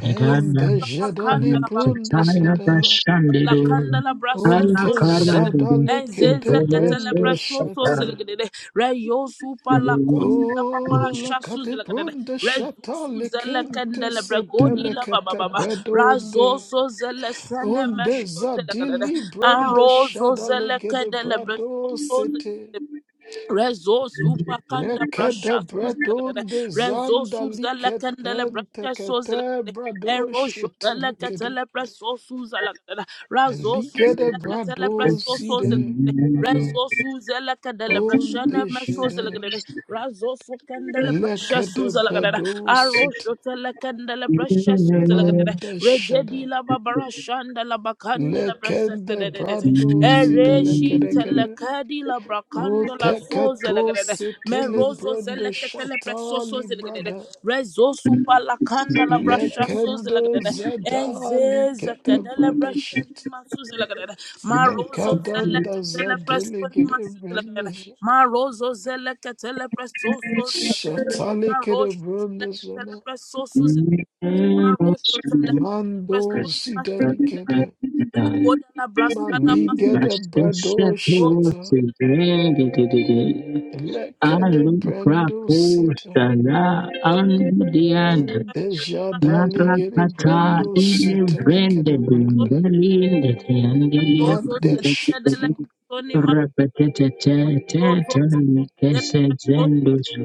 Speaker 2: And the
Speaker 3: Rofuza bakanda
Speaker 2: jadali
Speaker 3: la bagada.
Speaker 2: brando
Speaker 1: Anachataya
Speaker 2: sada.
Speaker 3: La
Speaker 1: bashandido.
Speaker 3: kanda la braso
Speaker 1: Alla
Speaker 3: so
Speaker 2: Onde
Speaker 3: zelagade.
Speaker 1: karadido.
Speaker 2: zadale kete
Speaker 3: Enzeze kete ketele
Speaker 1: Intelese
Speaker 2: brando
Speaker 3: braso so
Speaker 1: sakar.
Speaker 2: shata.
Speaker 3: zelagade. Reyo supa la koti la papara
Speaker 2: Oh, la
Speaker 3: shasu zelagade.
Speaker 2: cadibrunda
Speaker 3: Rezo
Speaker 2: shata
Speaker 3: su zele kende
Speaker 2: licente
Speaker 3: le bregodi la baba
Speaker 2: setelecate
Speaker 3: baba. Razo
Speaker 2: bredonde.
Speaker 3: so zele sene
Speaker 2: Onde
Speaker 3: mesho zelagade.
Speaker 2: zadili brende
Speaker 3: Anro zo
Speaker 2: shada
Speaker 3: zele
Speaker 2: legede
Speaker 3: kende le breso
Speaker 2: brado
Speaker 3: so zelagade.
Speaker 2: sete.
Speaker 3: Rezo zupa kanda
Speaker 2: Lecede
Speaker 3: brasha suzelere.
Speaker 2: bredonde
Speaker 3: Rezo
Speaker 2: zanda
Speaker 3: suzele kendele
Speaker 2: licetente
Speaker 3: brasha suzelere.
Speaker 2: cate brado
Speaker 3: Ero
Speaker 2: shete
Speaker 3: jodele
Speaker 2: licede.
Speaker 3: ketele preso suzelere. Razo
Speaker 2: Eligede
Speaker 3: suzele ketele
Speaker 2: brado
Speaker 3: preso suzelere.
Speaker 2: side.
Speaker 3: Rezo suzele kendele brasha
Speaker 2: Onde
Speaker 3: neme
Speaker 2: shede.
Speaker 3: suzelere. Razo su kendele brasha
Speaker 2: Lecede
Speaker 3: suzelere.
Speaker 2: brado
Speaker 3: Aro
Speaker 2: site.
Speaker 3: jodele kendele brasha suzelere.
Speaker 2: Manda
Speaker 3: Regedi
Speaker 2: shada.
Speaker 3: la babarasha ndele la brasata
Speaker 2: Lekende
Speaker 3: de de de.
Speaker 2: brando zida
Speaker 3: Ereshi
Speaker 2: legedegede.
Speaker 3: telekadi la
Speaker 2: O
Speaker 3: brakando la soze
Speaker 2: tekato
Speaker 3: legadede.
Speaker 2: setele
Speaker 3: Merozo
Speaker 2: brando
Speaker 3: zeleketele presoso
Speaker 2: shatali
Speaker 3: zelegedede.
Speaker 2: brada.
Speaker 3: Rezosu
Speaker 1: I'm
Speaker 3: palakanda la brasha soze
Speaker 2: Lekendo
Speaker 3: legadede.
Speaker 2: zadali
Speaker 3: Enzeze
Speaker 2: gede
Speaker 3: kedele
Speaker 2: brada
Speaker 3: brasha
Speaker 2: shit.
Speaker 3: nima soze legadede. Marozo
Speaker 2: Mekadanda
Speaker 3: zeleketele
Speaker 2: zadele
Speaker 3: preso nima
Speaker 2: gede
Speaker 3: soze legadede.
Speaker 2: brende shit.
Speaker 3: Marozo zeleketele presoso zelegedede.
Speaker 2: Shatali gede
Speaker 3: Marosho
Speaker 2: brando
Speaker 3: zelekete le
Speaker 2: zana.
Speaker 3: presoso Marosho telekatele
Speaker 2: Mando
Speaker 3: brestoni
Speaker 2: zidali
Speaker 3: masutelele.
Speaker 2: gede.
Speaker 3: Regoda la brasana
Speaker 2: Mali gede
Speaker 3: masutelele.
Speaker 2: brado
Speaker 3: Mazozo
Speaker 2: shata.
Speaker 3: zelekatele brestone
Speaker 2: Lekede
Speaker 1: Alu
Speaker 3: masutelele.
Speaker 2: brando sita.
Speaker 1: prakusana
Speaker 3: Mazone
Speaker 1: andian
Speaker 3: masutelele.
Speaker 2: Dejadaligere
Speaker 3: Mazozo telekatele brestoni masutelele.
Speaker 1: Narakata
Speaker 2: brando
Speaker 3: Marosho
Speaker 1: ile
Speaker 2: setelekere
Speaker 1: vrendede
Speaker 2: branda.
Speaker 3: brestoni
Speaker 1: ndelinde teangelia
Speaker 3: marozo
Speaker 1: kunde
Speaker 2: Madeshta
Speaker 3: zelekatele
Speaker 1: kukudu
Speaker 3: brestoni ma-
Speaker 1: repetete te te
Speaker 3: mazozo
Speaker 1: te
Speaker 3: zelekatele
Speaker 1: nekese
Speaker 3: brestoni.
Speaker 1: zenduzu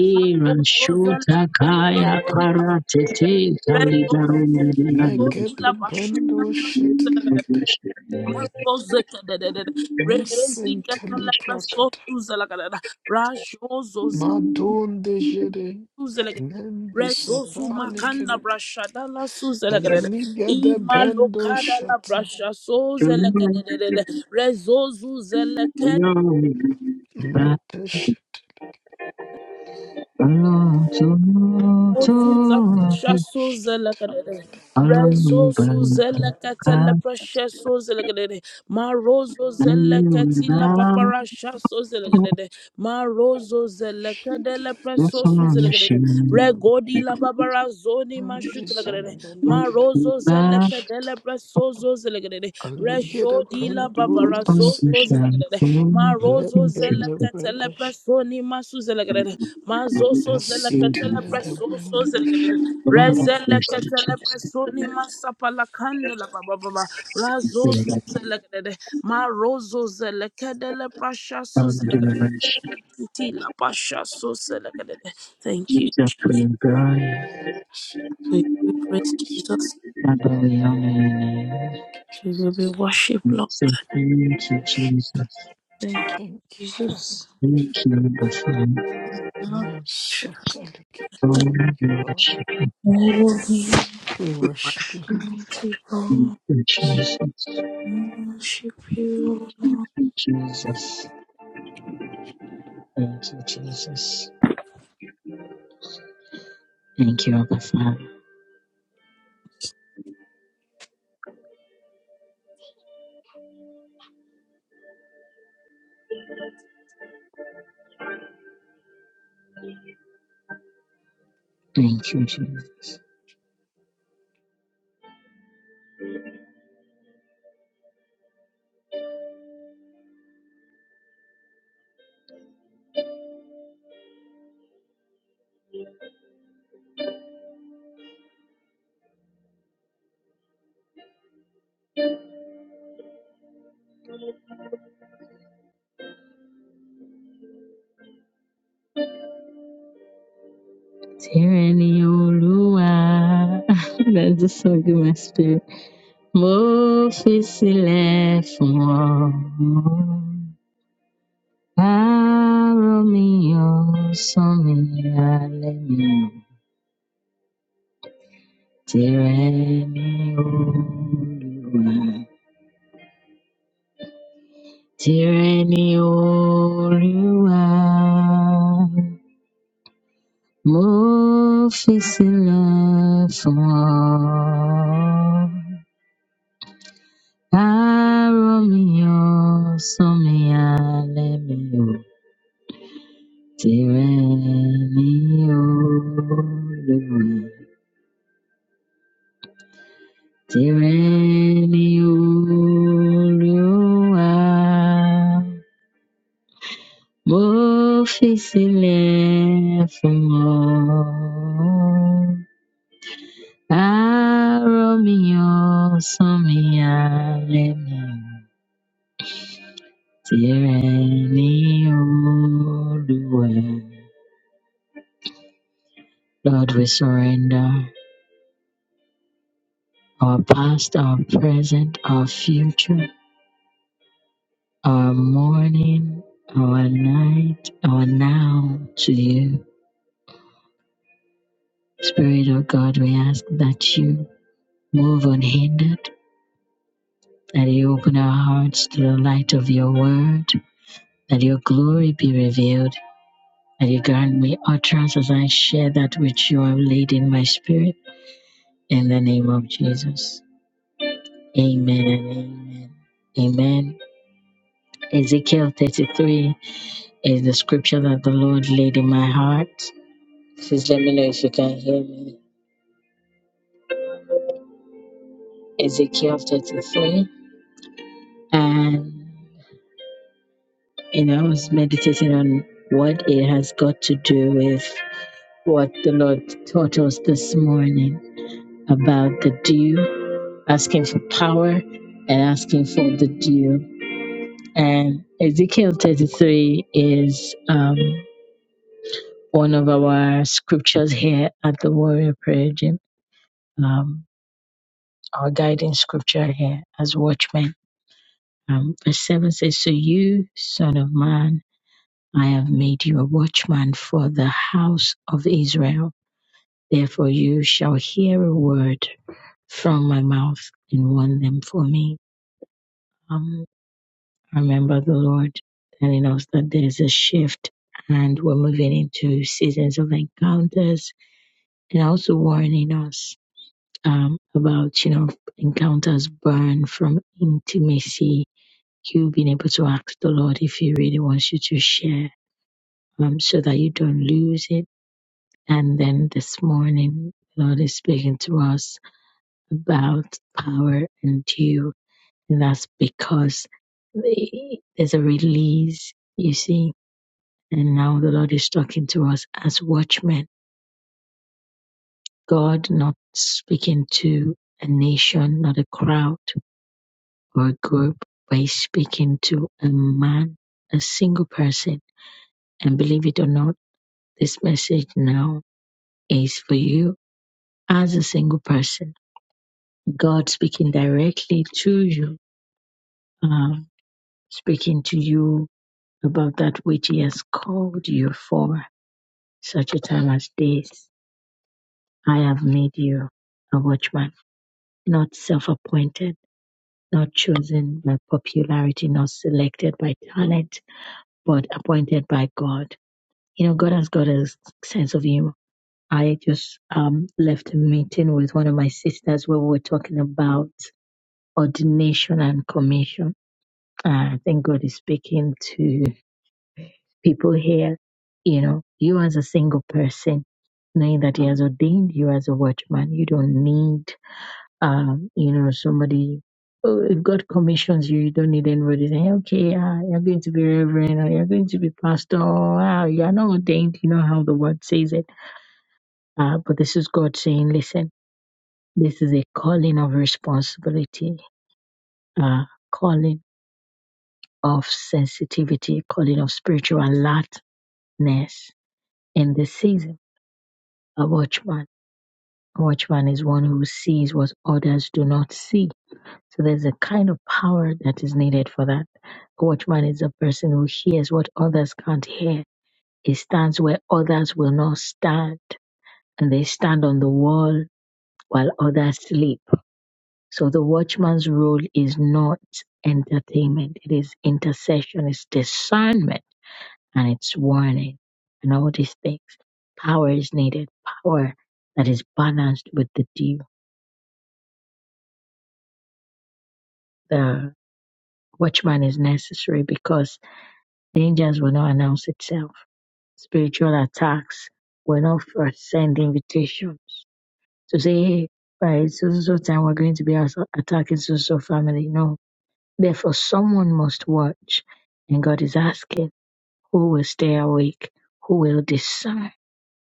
Speaker 1: ira shuta kaya parate te taligarunde dinaduzu
Speaker 2: legere brando setelekere. Masenteli prakata. Madon dejere. Nende
Speaker 3: Rezosu makanda
Speaker 2: satalikere.
Speaker 3: brashada la suzelekadede.
Speaker 2: Ligere
Speaker 3: Ima
Speaker 2: brando
Speaker 3: lokada la
Speaker 2: shata.
Speaker 3: brasha so zelekadede. Rezozu
Speaker 2: Mateshta.
Speaker 1: Alonso, Alonso,
Speaker 3: Ozuza Pashaso Zelakadere. Rezo
Speaker 1: Alonso,
Speaker 3: Suzelakatele Precious Zelakadere. Marozo
Speaker 1: Thank you, Jesus.
Speaker 3: Zelakatila Paparashaso
Speaker 1: Thank you,
Speaker 3: Zelakadere. Marozo Zelakadele
Speaker 1: the Son.
Speaker 3: Precious Zelakadere. Regodi La Babara Zoni Mashutelakadere.
Speaker 2: Undizandalikere.
Speaker 3: Marozo
Speaker 2: Shata.
Speaker 3: Zelakadele zelekedede resho
Speaker 2: Aligere
Speaker 3: dila
Speaker 2: brando
Speaker 3: babara zoso
Speaker 2: desete.
Speaker 3: zelekedede
Speaker 1: Glory be to
Speaker 2: Let
Speaker 3: marozo
Speaker 2: your
Speaker 3: zeleketele
Speaker 2: debredash
Speaker 3: presoni masu zelekedede mazoso
Speaker 2: and sit in
Speaker 3: zeleketele
Speaker 2: the
Speaker 3: presoso
Speaker 2: brandush.
Speaker 3: zelekedede rezeleketele presoni masapala kandela bababa razoso zelekedede marozo zelekedele prashasu zelekedede itila pashasu zelekedede thank you Jesus to you be praised Jesus to you be worshipped Lord thank you
Speaker 2: Thank you, Father
Speaker 3: Jesus
Speaker 2: God. No, certainly. Thank you, God.
Speaker 3: Lord, we need
Speaker 2: We worship you.
Speaker 3: Mighty God,
Speaker 1: you,
Speaker 2: Lord.
Speaker 1: Jesus.
Speaker 3: we worship you. Lord.
Speaker 1: Thank you, Jesus. Thank you, Jesus. Thank you, Abba Father. Thank you, Jesus. Tyranny Olúwa. That's the song in my spirit. Mo fi sílẹ̀ fún ọ. Àárọ̀ mi ọ̀sán mi alẹ́ mi o. Tìrẹ ni Olúwa. Tìrẹ ni Olúwa. Mo fi sílẹ̀ fún ọ. Àárọ̀ mi ọ̀sán mi alẹ́ mi ò. Tìrẹ ni Olúwa. Tìrẹ ni Olúwa. Mo fi sílẹ̀ fún ọ. Àárọ̀ mi ọ̀sán mi alẹ́ mi ò. Tyranny, O Lord, Lord, we surrender our past, our present, our future, our morning, our night, our now to you. Spirit of God, we ask that you move unhindered, that you open our hearts to the light of your word, that your glory be revealed, that you grant me utterance as I share that which you have laid in my spirit. In the name of Jesus. Amen. Amen. Amen. Ezekiel 33 is the scripture that the Lord laid in my heart. Please let me know if you can hear me. Ezekiel 33. And, you know, I was meditating on what it has got to do with what the Lord taught us this morning about the dew, asking for power and asking for the dew. And Ezekiel 33 is. um. one of our scriptures here at the Warrior Prayer Gym, um, our guiding scripture here as watchmen. Um, verse 7 says, So you, son of man, I have made you a watchman for the house of Israel. Therefore, you shall hear a word from my mouth and warn them for me. Um, I remember the Lord telling us that there's a shift and we're moving into seasons of encounters and also warning us um, about you know encounters born from intimacy, you being able to ask the Lord if He really wants you to share, um, so that you don't lose it. And then this morning, the Lord is speaking to us about power and due, and that's because the- there's a release, you see. And now the Lord is talking to us as watchmen. God not speaking to a nation, not a crowd or group by speaking to a man, a single person. And believe it or not, this message now is for you as a single person. God speaking directly to you, um, speaking to you about that which He has called you for, such a time as this. I have made you a watchman, not self appointed, not chosen by popularity, not selected by talent, but appointed by God You know, God has got a sense of humor. I just um, left a meeting with one of my sisters where we were talking about ordination and commission. And I think God is speaking to people here. You know, you as a single person, knowing that He has ordained you as a watchman, you don't need, um, you know, somebody. Oh, if God commissions you, you don't need anybody saying, okay, ah, you're going to be reverend or you're going to be pastor. Or, ah, you're not ordained. You know how the word says it Uh, but this is God saying, listen, this is a calling of responsibility, uh, calling of sensitivity, calling of spiritual alertness in this season. A watchman. A watchman is one who sees what others do not see. So there's a kind of power that is needed for that. A watchman is a person who hears what others can't hear. He stands where others will not stand, and they stand on the wall while others sleep So the watchman's role is not entertainment, it is intercession, it's discernment, and it's warning, and all these things. Power is needed, power that is balanced with the dew. The watchman is necessary because dangers will not announce itself. Spiritual attacks will not first send invitations to say, hey, by so so so time we're going to be ass- attacking so so family. No. Therefore someone must watch. And God is asking Who will stay awake? Who will discern?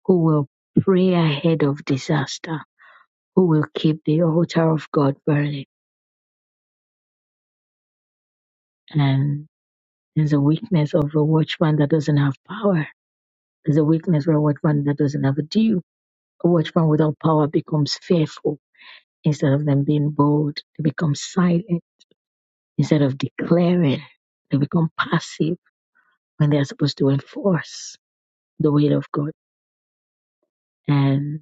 Speaker 1: Who will pray ahead of disaster? Who will keep the altar of God burning? And there's a weakness of a watchman that doesn't have power. There's a weakness for a watchman that doesn't have a due. A watchman without power becomes fearful. Instead of them being bold, they become silent. Instead of declaring, they become passive when they're supposed to enforce the will of God. and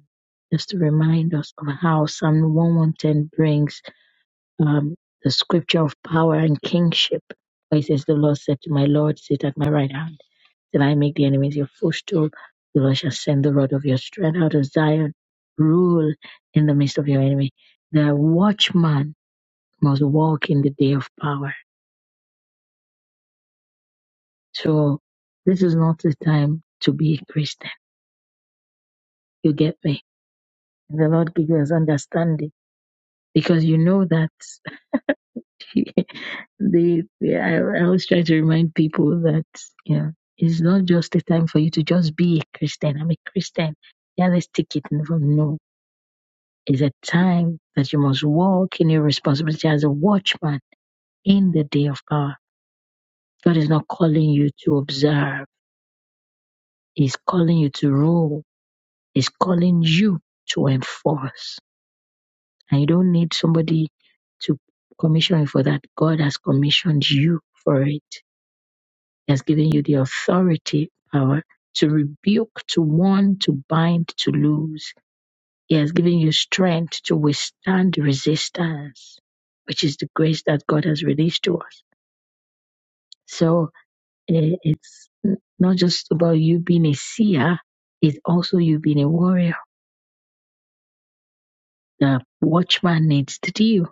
Speaker 1: just to remind us of how Psalm 110 brings um, the scripture of power and kingship. Where it says, The Lord said to my Lord, Sit at my right hand, till I make the enemies your footstool. The Lord shall send the rod of your strength out of Zion, rule in the midst of your enemy. The watchman must walk in the day of power. So, this is not the time to be a Christian. You get me? And the Lord gives us understanding because you know that. they, they I, I always try to remind people that you know it's not just a time for you to just be a Christian. I'm a Christian. Yeah, let's take it and from no. It's a time that you must walk in your responsibility as a watchman in the day of God. God is not calling you to observe. He's calling you to rule. He's calling you to enforce. And you don't need somebody to commission you for that. God has commissioned you for it. He has given you the authority, power to rebuke, to warn, to bind, to loose. He has given you strength to withstand resistance, which is the grace that God has released to us. So eh, it's n- not just about you being a seer, it's also you being a warrior. The watchman needs to do.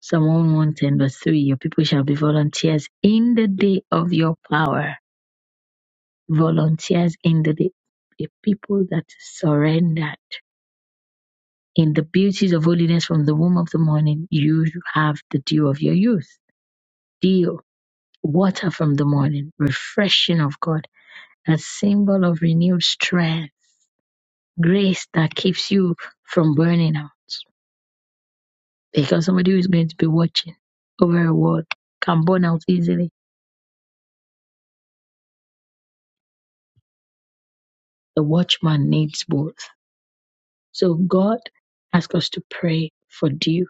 Speaker 1: Psalm 110 verse 3, your people shall be volunteers in the day of your power. Volunteers in the day. A people that surrender In the beauties of holiness from the womb of the morning, you have the dew of your youth. Dew, water from the morning, refreshing of God, a symbol of renewed strength, grace that keeps you from burning out. Because somebody who is going to be watching over a world can burn out easily. The watchman needs both. So God asks us to pray for dew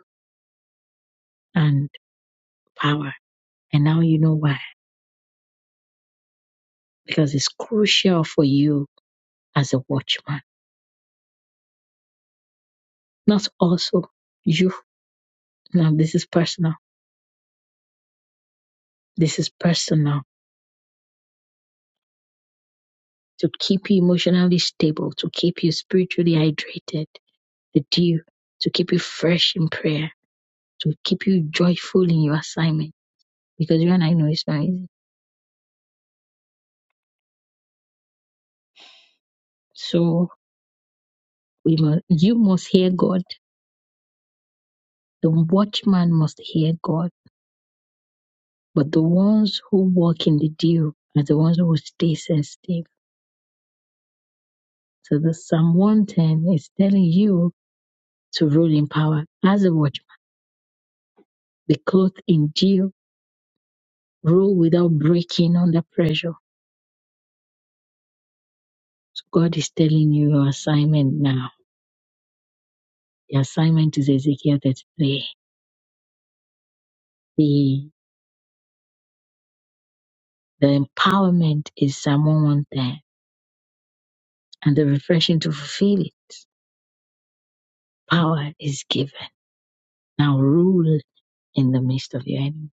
Speaker 1: and power. And now you know why. Because it's crucial for you as a watchman Not also you. Now, this is personal. This is personal to keep you emotionally stable, to keep you spiritually hydrated, the dew, to keep you fresh in prayer, to keep you joyful in your assignment. Because you and I know it's not easy. So we must, you must hear God. The watchman must hear God. But the ones who walk in the dew are the ones who will stay sensitive. So the Psalm 110 is telling you to rule in power as a watchman be clothed in zeal, rule without breaking under pressure. So God is telling you your assignment now. The assignment is Ezekiel 33. The, the empowerment is Psalm 110, and the refreshing to fulfill it, power is given. Now rule in the midst of your enemy.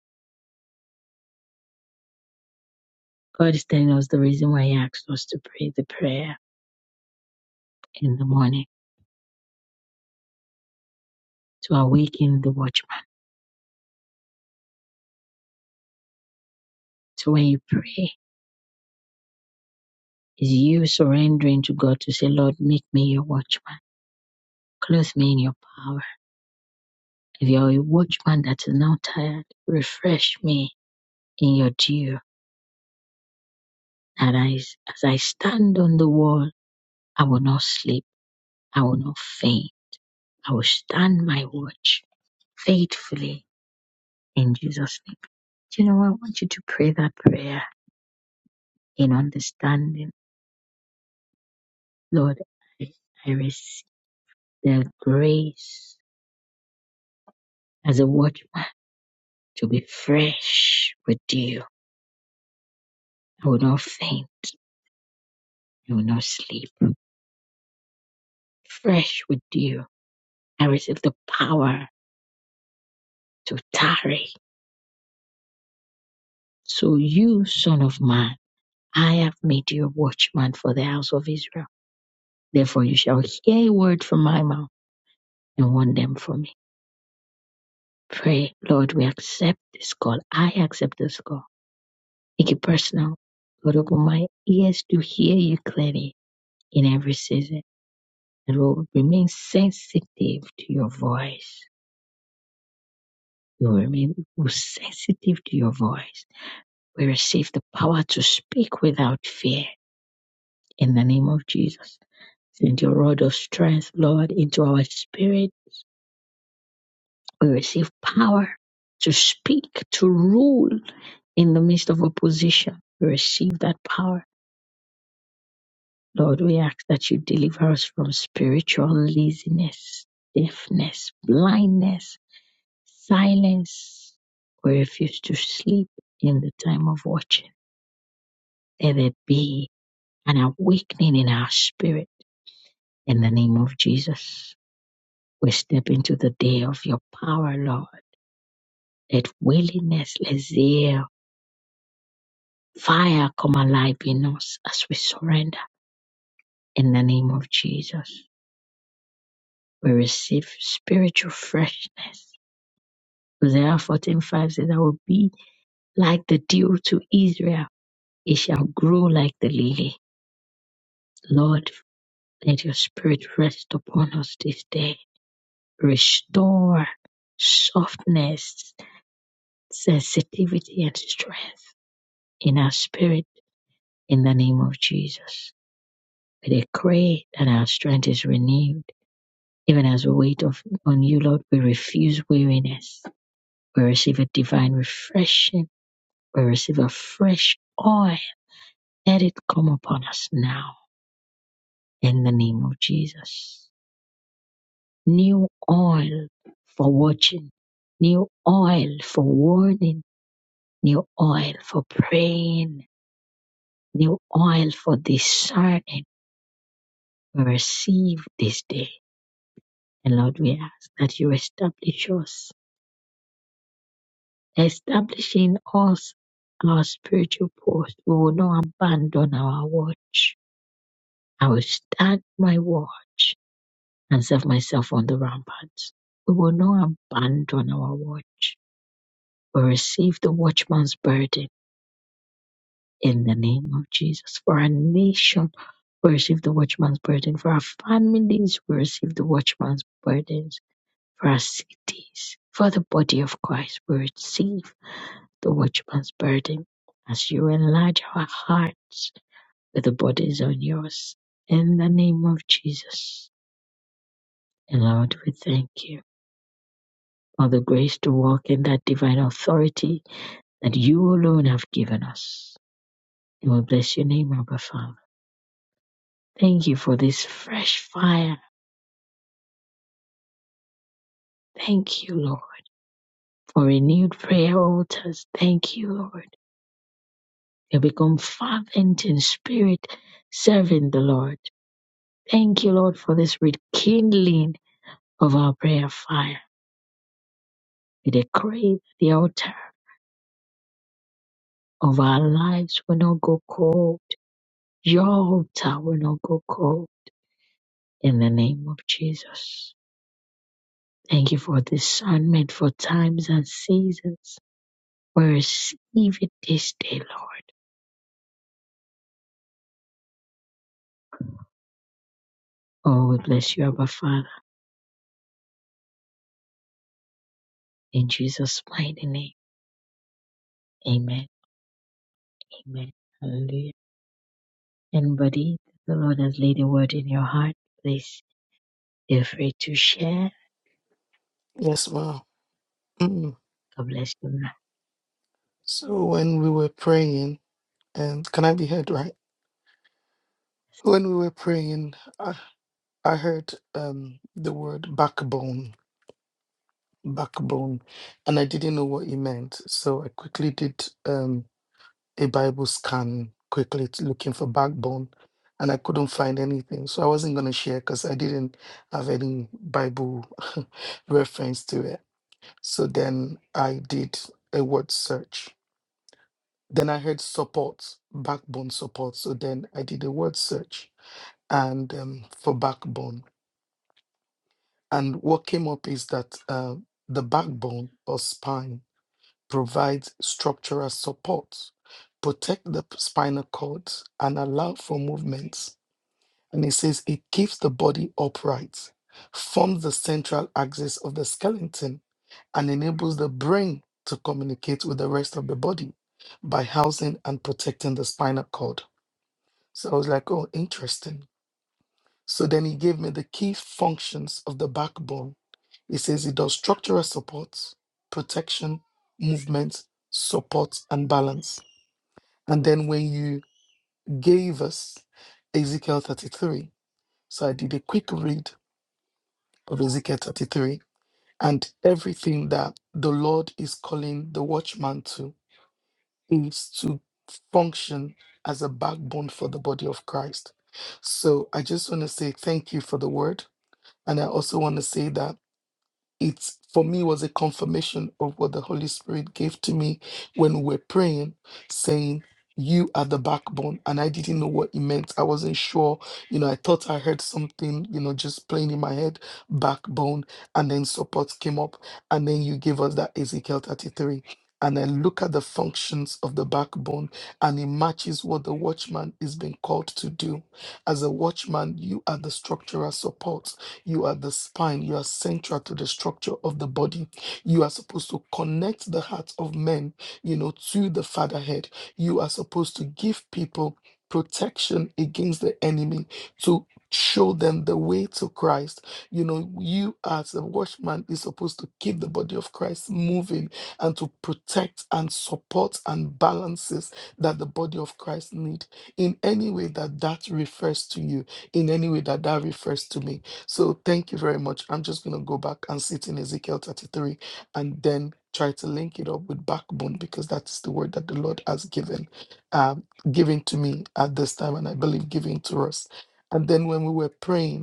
Speaker 1: God is telling us the reason why He asked us to pray the prayer in the morning, to awaken the watchman. So when you pray, is you surrendering to God to say, Lord, make me your watchman Clothe me in your power. If you are a watchman that is now tired, refresh me in your dew. That I, as I stand on the wall, I will not sleep. I will not faint. I will stand my watch faithfully in Jesus' name. Do you know, I want you to pray that prayer in understanding. Lord, I, I receive the grace as a watchman to be fresh with you. I will not faint. I will not sleep. Fresh with you I receive the power to tarry. So you, son of man, I have made you a watchman for the house of Israel. Therefore you shall hear a word from my mouth and warn them from me. Pray, Lord, we accept this call. I accept this call. Make it personal. Lord, open my ears to hear you clearly in every season. And will remain sensitive to your voice. You will remain sensitive to your voice. We receive the power to speak without fear in the name of Jesus. Send your rod of strength, Lord, into our spirit. We receive power to speak, to rule in the midst of opposition. We receive that power. Lord, we ask that you deliver us from spiritual laziness, deafness, blindness, silence. We refuse to sleep in the time of watching. Let there be an awakening in our spirit in the name of Jesus. We step into the day of your power, Lord. Let willingness, let zeal, fire come alive in us as we surrender. In the name of Jesus, we receive spiritual freshness. Isaiah 14 5 says, I will be like the dew to Israel. It shall grow like the lily. Lord, let your spirit rest upon us this day. Restore softness, sensitivity, and strength in our spirit in the name of Jesus. We decree that our strength is renewed. Even as we wait on you, Lord, we refuse weariness. We receive a divine refreshing. We receive a fresh oil. Let it come upon us now in the name of Jesus. New oil for watching, new oil for warning, new oil for praying, new oil for discerning. We receive this day And Lord, we ask that you establish us, establishing us, our spiritual post. We will not abandon our watch. I will stand my watch and serve myself on the ramparts. We will not abandon our watch. We receive the watchman's burden in the name of Jesus. For our nation, we receive the watchman's burden. For our families, we receive the watchman's burdens. For our cities, for the body of Christ, we receive the watchman's burden as you enlarge our hearts with the bodies on yours. In the name of Jesus. And Lord, we thank you for the grace to walk in that divine authority that you alone have given us. And we bless your name, Abba Father. Thank you for this fresh fire. Thank you, Lord, for renewed prayer altars. Thank you, Lord. We become fervent in spirit, serving the Lord. Thank you, Lord, for this rekindling of our prayer fire. We decree the altar of our lives will not go cold. Your altar will not go cold in the name of Jesus. Thank you for discernment for times and seasons. We receive it this day, Lord. Oh, we bless you, Abba Father, in Jesus' mighty name. Amen. Amen. Hallelujah. Anybody, the Lord has laid a word in your heart. Please feel free to share.
Speaker 2: Yes, wow. Mm.
Speaker 1: God bless you.
Speaker 2: So when we were praying, and can I be heard, right? When we were praying, I, I heard um the word backbone, backbone, and I didn't know what it meant. So I quickly did. um. a Bible scan quickly t- looking for backbone, and I couldn't find anything. So I wasn't going to share because I didn't have any Bible reference to it. So then I did a word search. Then I heard support, backbone support. So then I did a word search and um, for backbone. And what came up is that uh, the backbone or spine provides structural support, protect the spinal cord, and allow for movements. And it says it keeps the body upright, forms the central axis of the skeleton, and enables the brain to communicate with the rest of the body by housing and protecting the spinal cord. So I was like, oh, interesting. So then he gave me the key functions of the backbone. He says it does structural support, protection, movement, support, and balance And then when you gave us Ezekiel 33, so I did a quick read of Ezekiel 33, and everything that the Lord is calling the watchman to is to function as a backbone for the body of Christ. So I just want to say thank you for the word. And I also want to say that it for me was a confirmation of what the Holy Spirit gave to me when we were praying, saying, You are the backbone. And I didn't know what it meant. I wasn't sure. You know, I thought I heard something, you know, just playing in my head, backbone. And then support came up. And then you gave us that Ezekiel 33. And I look at the functions of the backbone and it matches what the watchman is being called to do. As a watchman, you are the structural support you are the spine. You are central to the structure of the body. You are supposed to connect the hearts of men, you know, to the fatherhead. You are supposed to give people protection against the enemy to show them the way to Christ. You know, you as a watchman is supposed to keep the body of Christ moving and to protect and support and balances that the body of Christ need in any way that that refers to you, in any way that that refers to me so thank you very much. I'm just going to go back and sit in Ezekiel 33 and then try to link it up with backbone because that's the word that the Lord has given, um, given to me at this time, and I believe giving to us. And then when we were praying,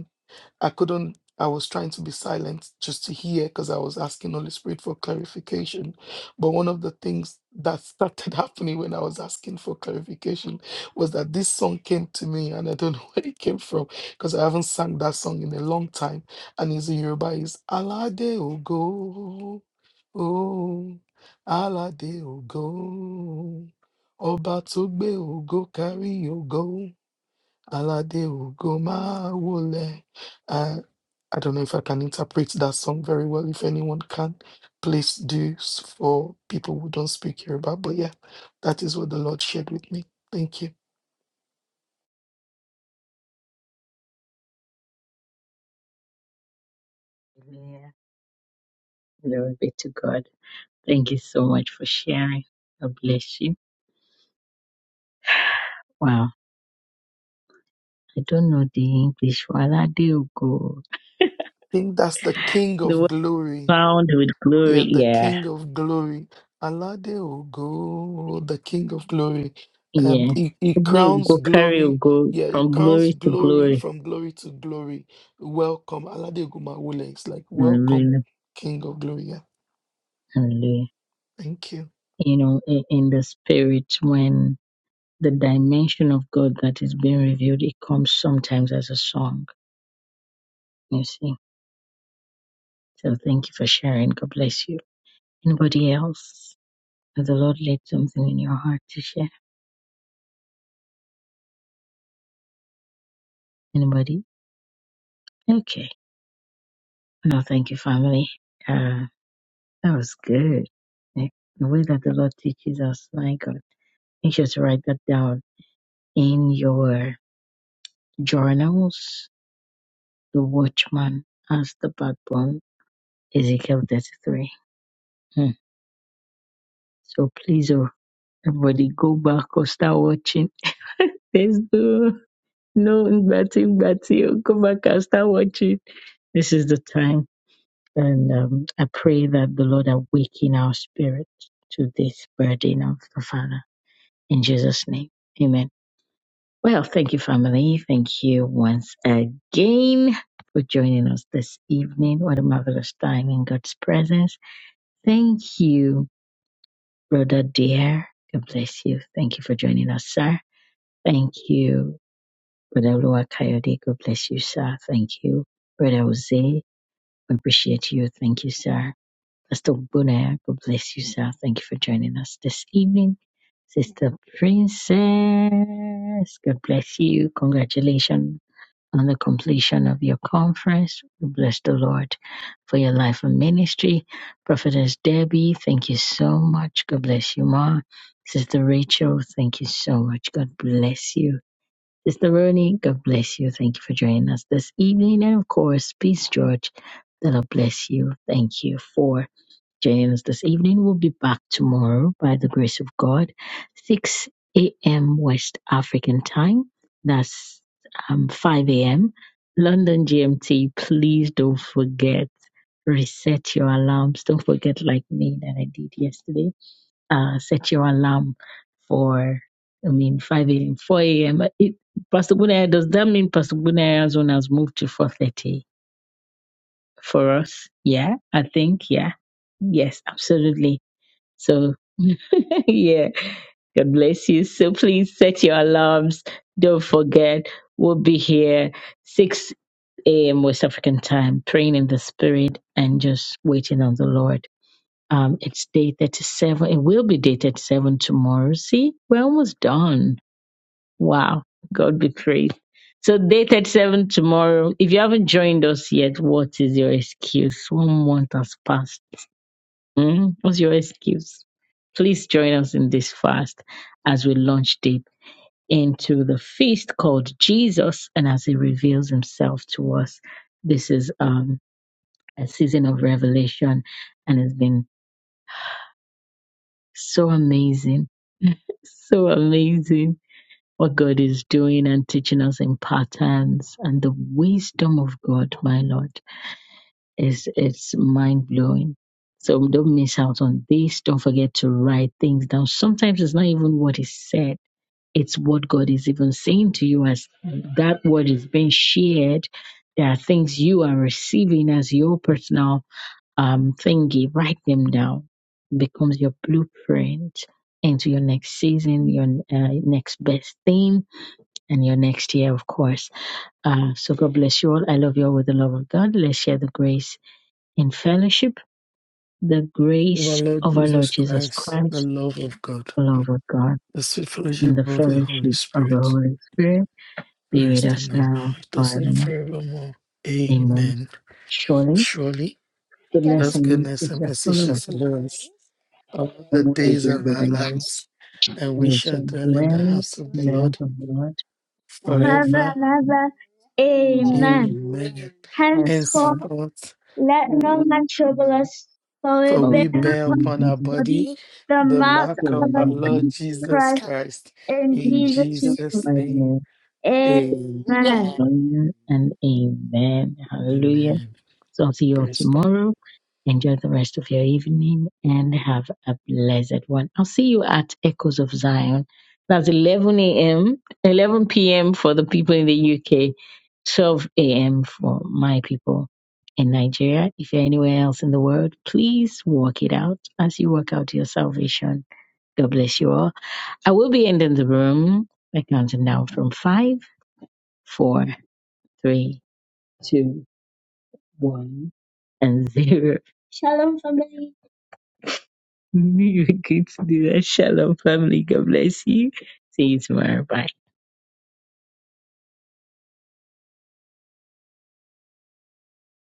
Speaker 2: I couldn't, I was trying to be silent just to hear because I was asking Holy Spirit for clarification. But one of the things that started happening when I was asking for clarification was that this song came to me and I don't know where it came from because I haven't sung that song in a long time. And it's in Yoruba, it's Alade Ogo, oh, Alade Ogo, Oba Tugbe Ogo, Kari Ogo, Alade Ogo, Ma Wole. I don't know if I can interpret that song very well. If anyone can, please do s- for people who don't speak Yoruba. But yeah, that is what the Lord shared with me. Thank you.
Speaker 1: Hallelujah. Glory be to God. Thank you so much for sharing. God bless you. Wow. I don't know the English. Waladeogo.
Speaker 2: I think that's the King
Speaker 1: The
Speaker 2: of
Speaker 1: word
Speaker 2: Glory.
Speaker 1: crowned with
Speaker 2: Yeah,
Speaker 1: glory.
Speaker 2: the
Speaker 1: Yeah.
Speaker 2: King of Glory. Alade Ogo, the King of Glory. Um,
Speaker 1: Yeah.
Speaker 2: he, he
Speaker 1: They
Speaker 2: crowns
Speaker 1: Go carry
Speaker 2: glory.
Speaker 1: go
Speaker 2: Yeah, he
Speaker 1: from
Speaker 2: crowns
Speaker 1: glory to
Speaker 2: glory
Speaker 1: glory.
Speaker 2: from glory to glory. Welcome, Alade Ogumawule. It's like welcome,
Speaker 1: Hallelujah.
Speaker 2: King of Glory. Yeah,
Speaker 1: Hallelujah.
Speaker 2: thank you.
Speaker 1: You know, i- in the spirit, when the dimension of God that is being revealed, it comes sometimes as a song. You see. So thank you for sharing. God bless you. Anybody else? Has the Lord laid something in your heart to share? Anybody? Okay. No, thank you, family. Uh, that was good. Eh, The way that the Lord teaches us, my God. Make sure to write that down in your journals. The watchman as the backbone, Ezekiel 33. Hmm. So please, oh, everybody go back or start watching. There's do. no, nothing, nothing. Go back and start watching. This is the time. And um, I pray that the Lord awaken our spirit to this burden of the Father. In Jesus' name, amen. Well, thank you, family. Thank you once again for joining us this evening. What a marvelous time in God's presence. Thank you, brother dear. God bless you. Thank you for joining us, sir. Thank you, brother Lua Coyote. God bless you, sir. Thank you, brother Jose. We appreciate you. Thank you, sir. Pastor Bunaya, God bless you, sir. Thank you for joining us this evening. Sister Princess, God bless you. Congratulations on the completion of your conference. We bless the Lord for your life and ministry. Prophetess Debbie, thank you so much. God bless you, Ma. Sister Rachel, thank you so much. God bless you. Sister Roni, God bless you. Thank you for joining us this evening. And of course, Peace George, the Lord bless you. Thank you for James this evening. We'll be back tomorrow by the grace of God, 6 a.m. West African time. That's um, 5 a.m. London GMT. Please don't forget, reset your alarms. Don't forget, like me, that I did yesterday, uh, set your alarm for, I mean, 5 a.m., 4 a.m. It, Pastor Bunaya, does that mean Pastor Bunaya's one has moved to 4.30 for us? Yeah, I think, yeah. Yes, absolutely so, yeah, God bless you. So, please set your alarms. Don't forget, we'll be here 6 a.m. West African time, praying in the spirit and just waiting on the Lord. Um, it's day 37. It will be day 37 tomorrow. See, we're almost done. Wow. God be praised. So day 37 tomorrow. If you haven't joined us yet, what is your excuse? One month has passed Mm, what's your excuse? Please join us in this fast as we launch deep into the feast called Jesus and as he reveals himself to us. This is um, a season of revelation and it's been so amazing, so amazing what God is doing and teaching us in patterns and the wisdom of God, my Lord. It's it's mind blowing. So don't miss out on this. Don't forget to write things down. Sometimes it's not even what is said. It's what God is even saying to you as that word is being shared. There are things you are receiving as your personal um thingy. Write them down. It becomes your blueprint into your next season, your uh, next best thing, and your next year, of course. Uh, so God bless you all. I love you all with the love of God. Let's share the grace in fellowship. The
Speaker 2: of our
Speaker 1: grace
Speaker 2: Lord
Speaker 1: of our
Speaker 2: Jesus
Speaker 1: Lord Jesus
Speaker 2: Christ, the
Speaker 1: Christ,
Speaker 2: love of God,
Speaker 1: the love of God,
Speaker 2: the sweet
Speaker 1: and
Speaker 2: fellowship
Speaker 1: the
Speaker 2: of the Holy
Speaker 1: fellowship of the
Speaker 2: Spirit,
Speaker 1: Holy Spirit be with
Speaker 2: rest
Speaker 1: us
Speaker 2: and abide
Speaker 1: now and
Speaker 2: with us now
Speaker 1: forevermore.
Speaker 2: forevermore.
Speaker 1: Amen.
Speaker 2: Amen.
Speaker 1: Surely,
Speaker 2: Surely,
Speaker 1: goodness
Speaker 2: God's
Speaker 1: and
Speaker 2: goodness
Speaker 1: mercy
Speaker 2: and
Speaker 1: shall
Speaker 2: mercy shall
Speaker 1: follow us
Speaker 2: follow us all the
Speaker 1: all the
Speaker 2: days
Speaker 1: days
Speaker 2: of
Speaker 1: of
Speaker 2: our
Speaker 1: our lives,
Speaker 2: lives, and
Speaker 1: and
Speaker 2: we
Speaker 1: we
Speaker 2: shall
Speaker 1: shall
Speaker 2: dwell in the
Speaker 1: dwell
Speaker 2: house of the
Speaker 1: in the house
Speaker 2: Lord
Speaker 1: of the Lord forever. Forever
Speaker 2: forever.
Speaker 1: and ever. Amen.
Speaker 2: Amen.
Speaker 1: Henceforth, Henceforth,
Speaker 2: Henceforth,
Speaker 1: let no man trouble us, for we
Speaker 2: For
Speaker 1: bear obey
Speaker 2: we
Speaker 1: upon
Speaker 2: bear upon our
Speaker 1: the our bodies
Speaker 2: body
Speaker 1: the
Speaker 2: the
Speaker 1: mark
Speaker 2: mark
Speaker 1: of Lord
Speaker 2: of our
Speaker 1: the Lord
Speaker 2: Lord
Speaker 1: Jesus Christ.
Speaker 2: Jesus Christ.
Speaker 1: In
Speaker 2: In
Speaker 1: Jesus'
Speaker 2: Jesus' name,
Speaker 1: name. Amen.
Speaker 2: amen.
Speaker 1: Amen. Amen and amen. Hallelujah.
Speaker 2: Amen.
Speaker 1: So I'll see you all
Speaker 2: Praise God.
Speaker 1: tomorrow. Enjoy the rest of your evening and have a blessed one. I'll see you at Echoes of Zion. That's 11 a.m., 11 p.m. for the people in the UK, 12 a.m. for my people in Nigeria. If you're anywhere else in the world, please walk it out as you work out your salvation. God bless you all. I will be ending the room by counting down from five, four, three, two, one, and zero. Shalom, family. You can do that. Shalom, family. God bless you. See you tomorrow. Bye.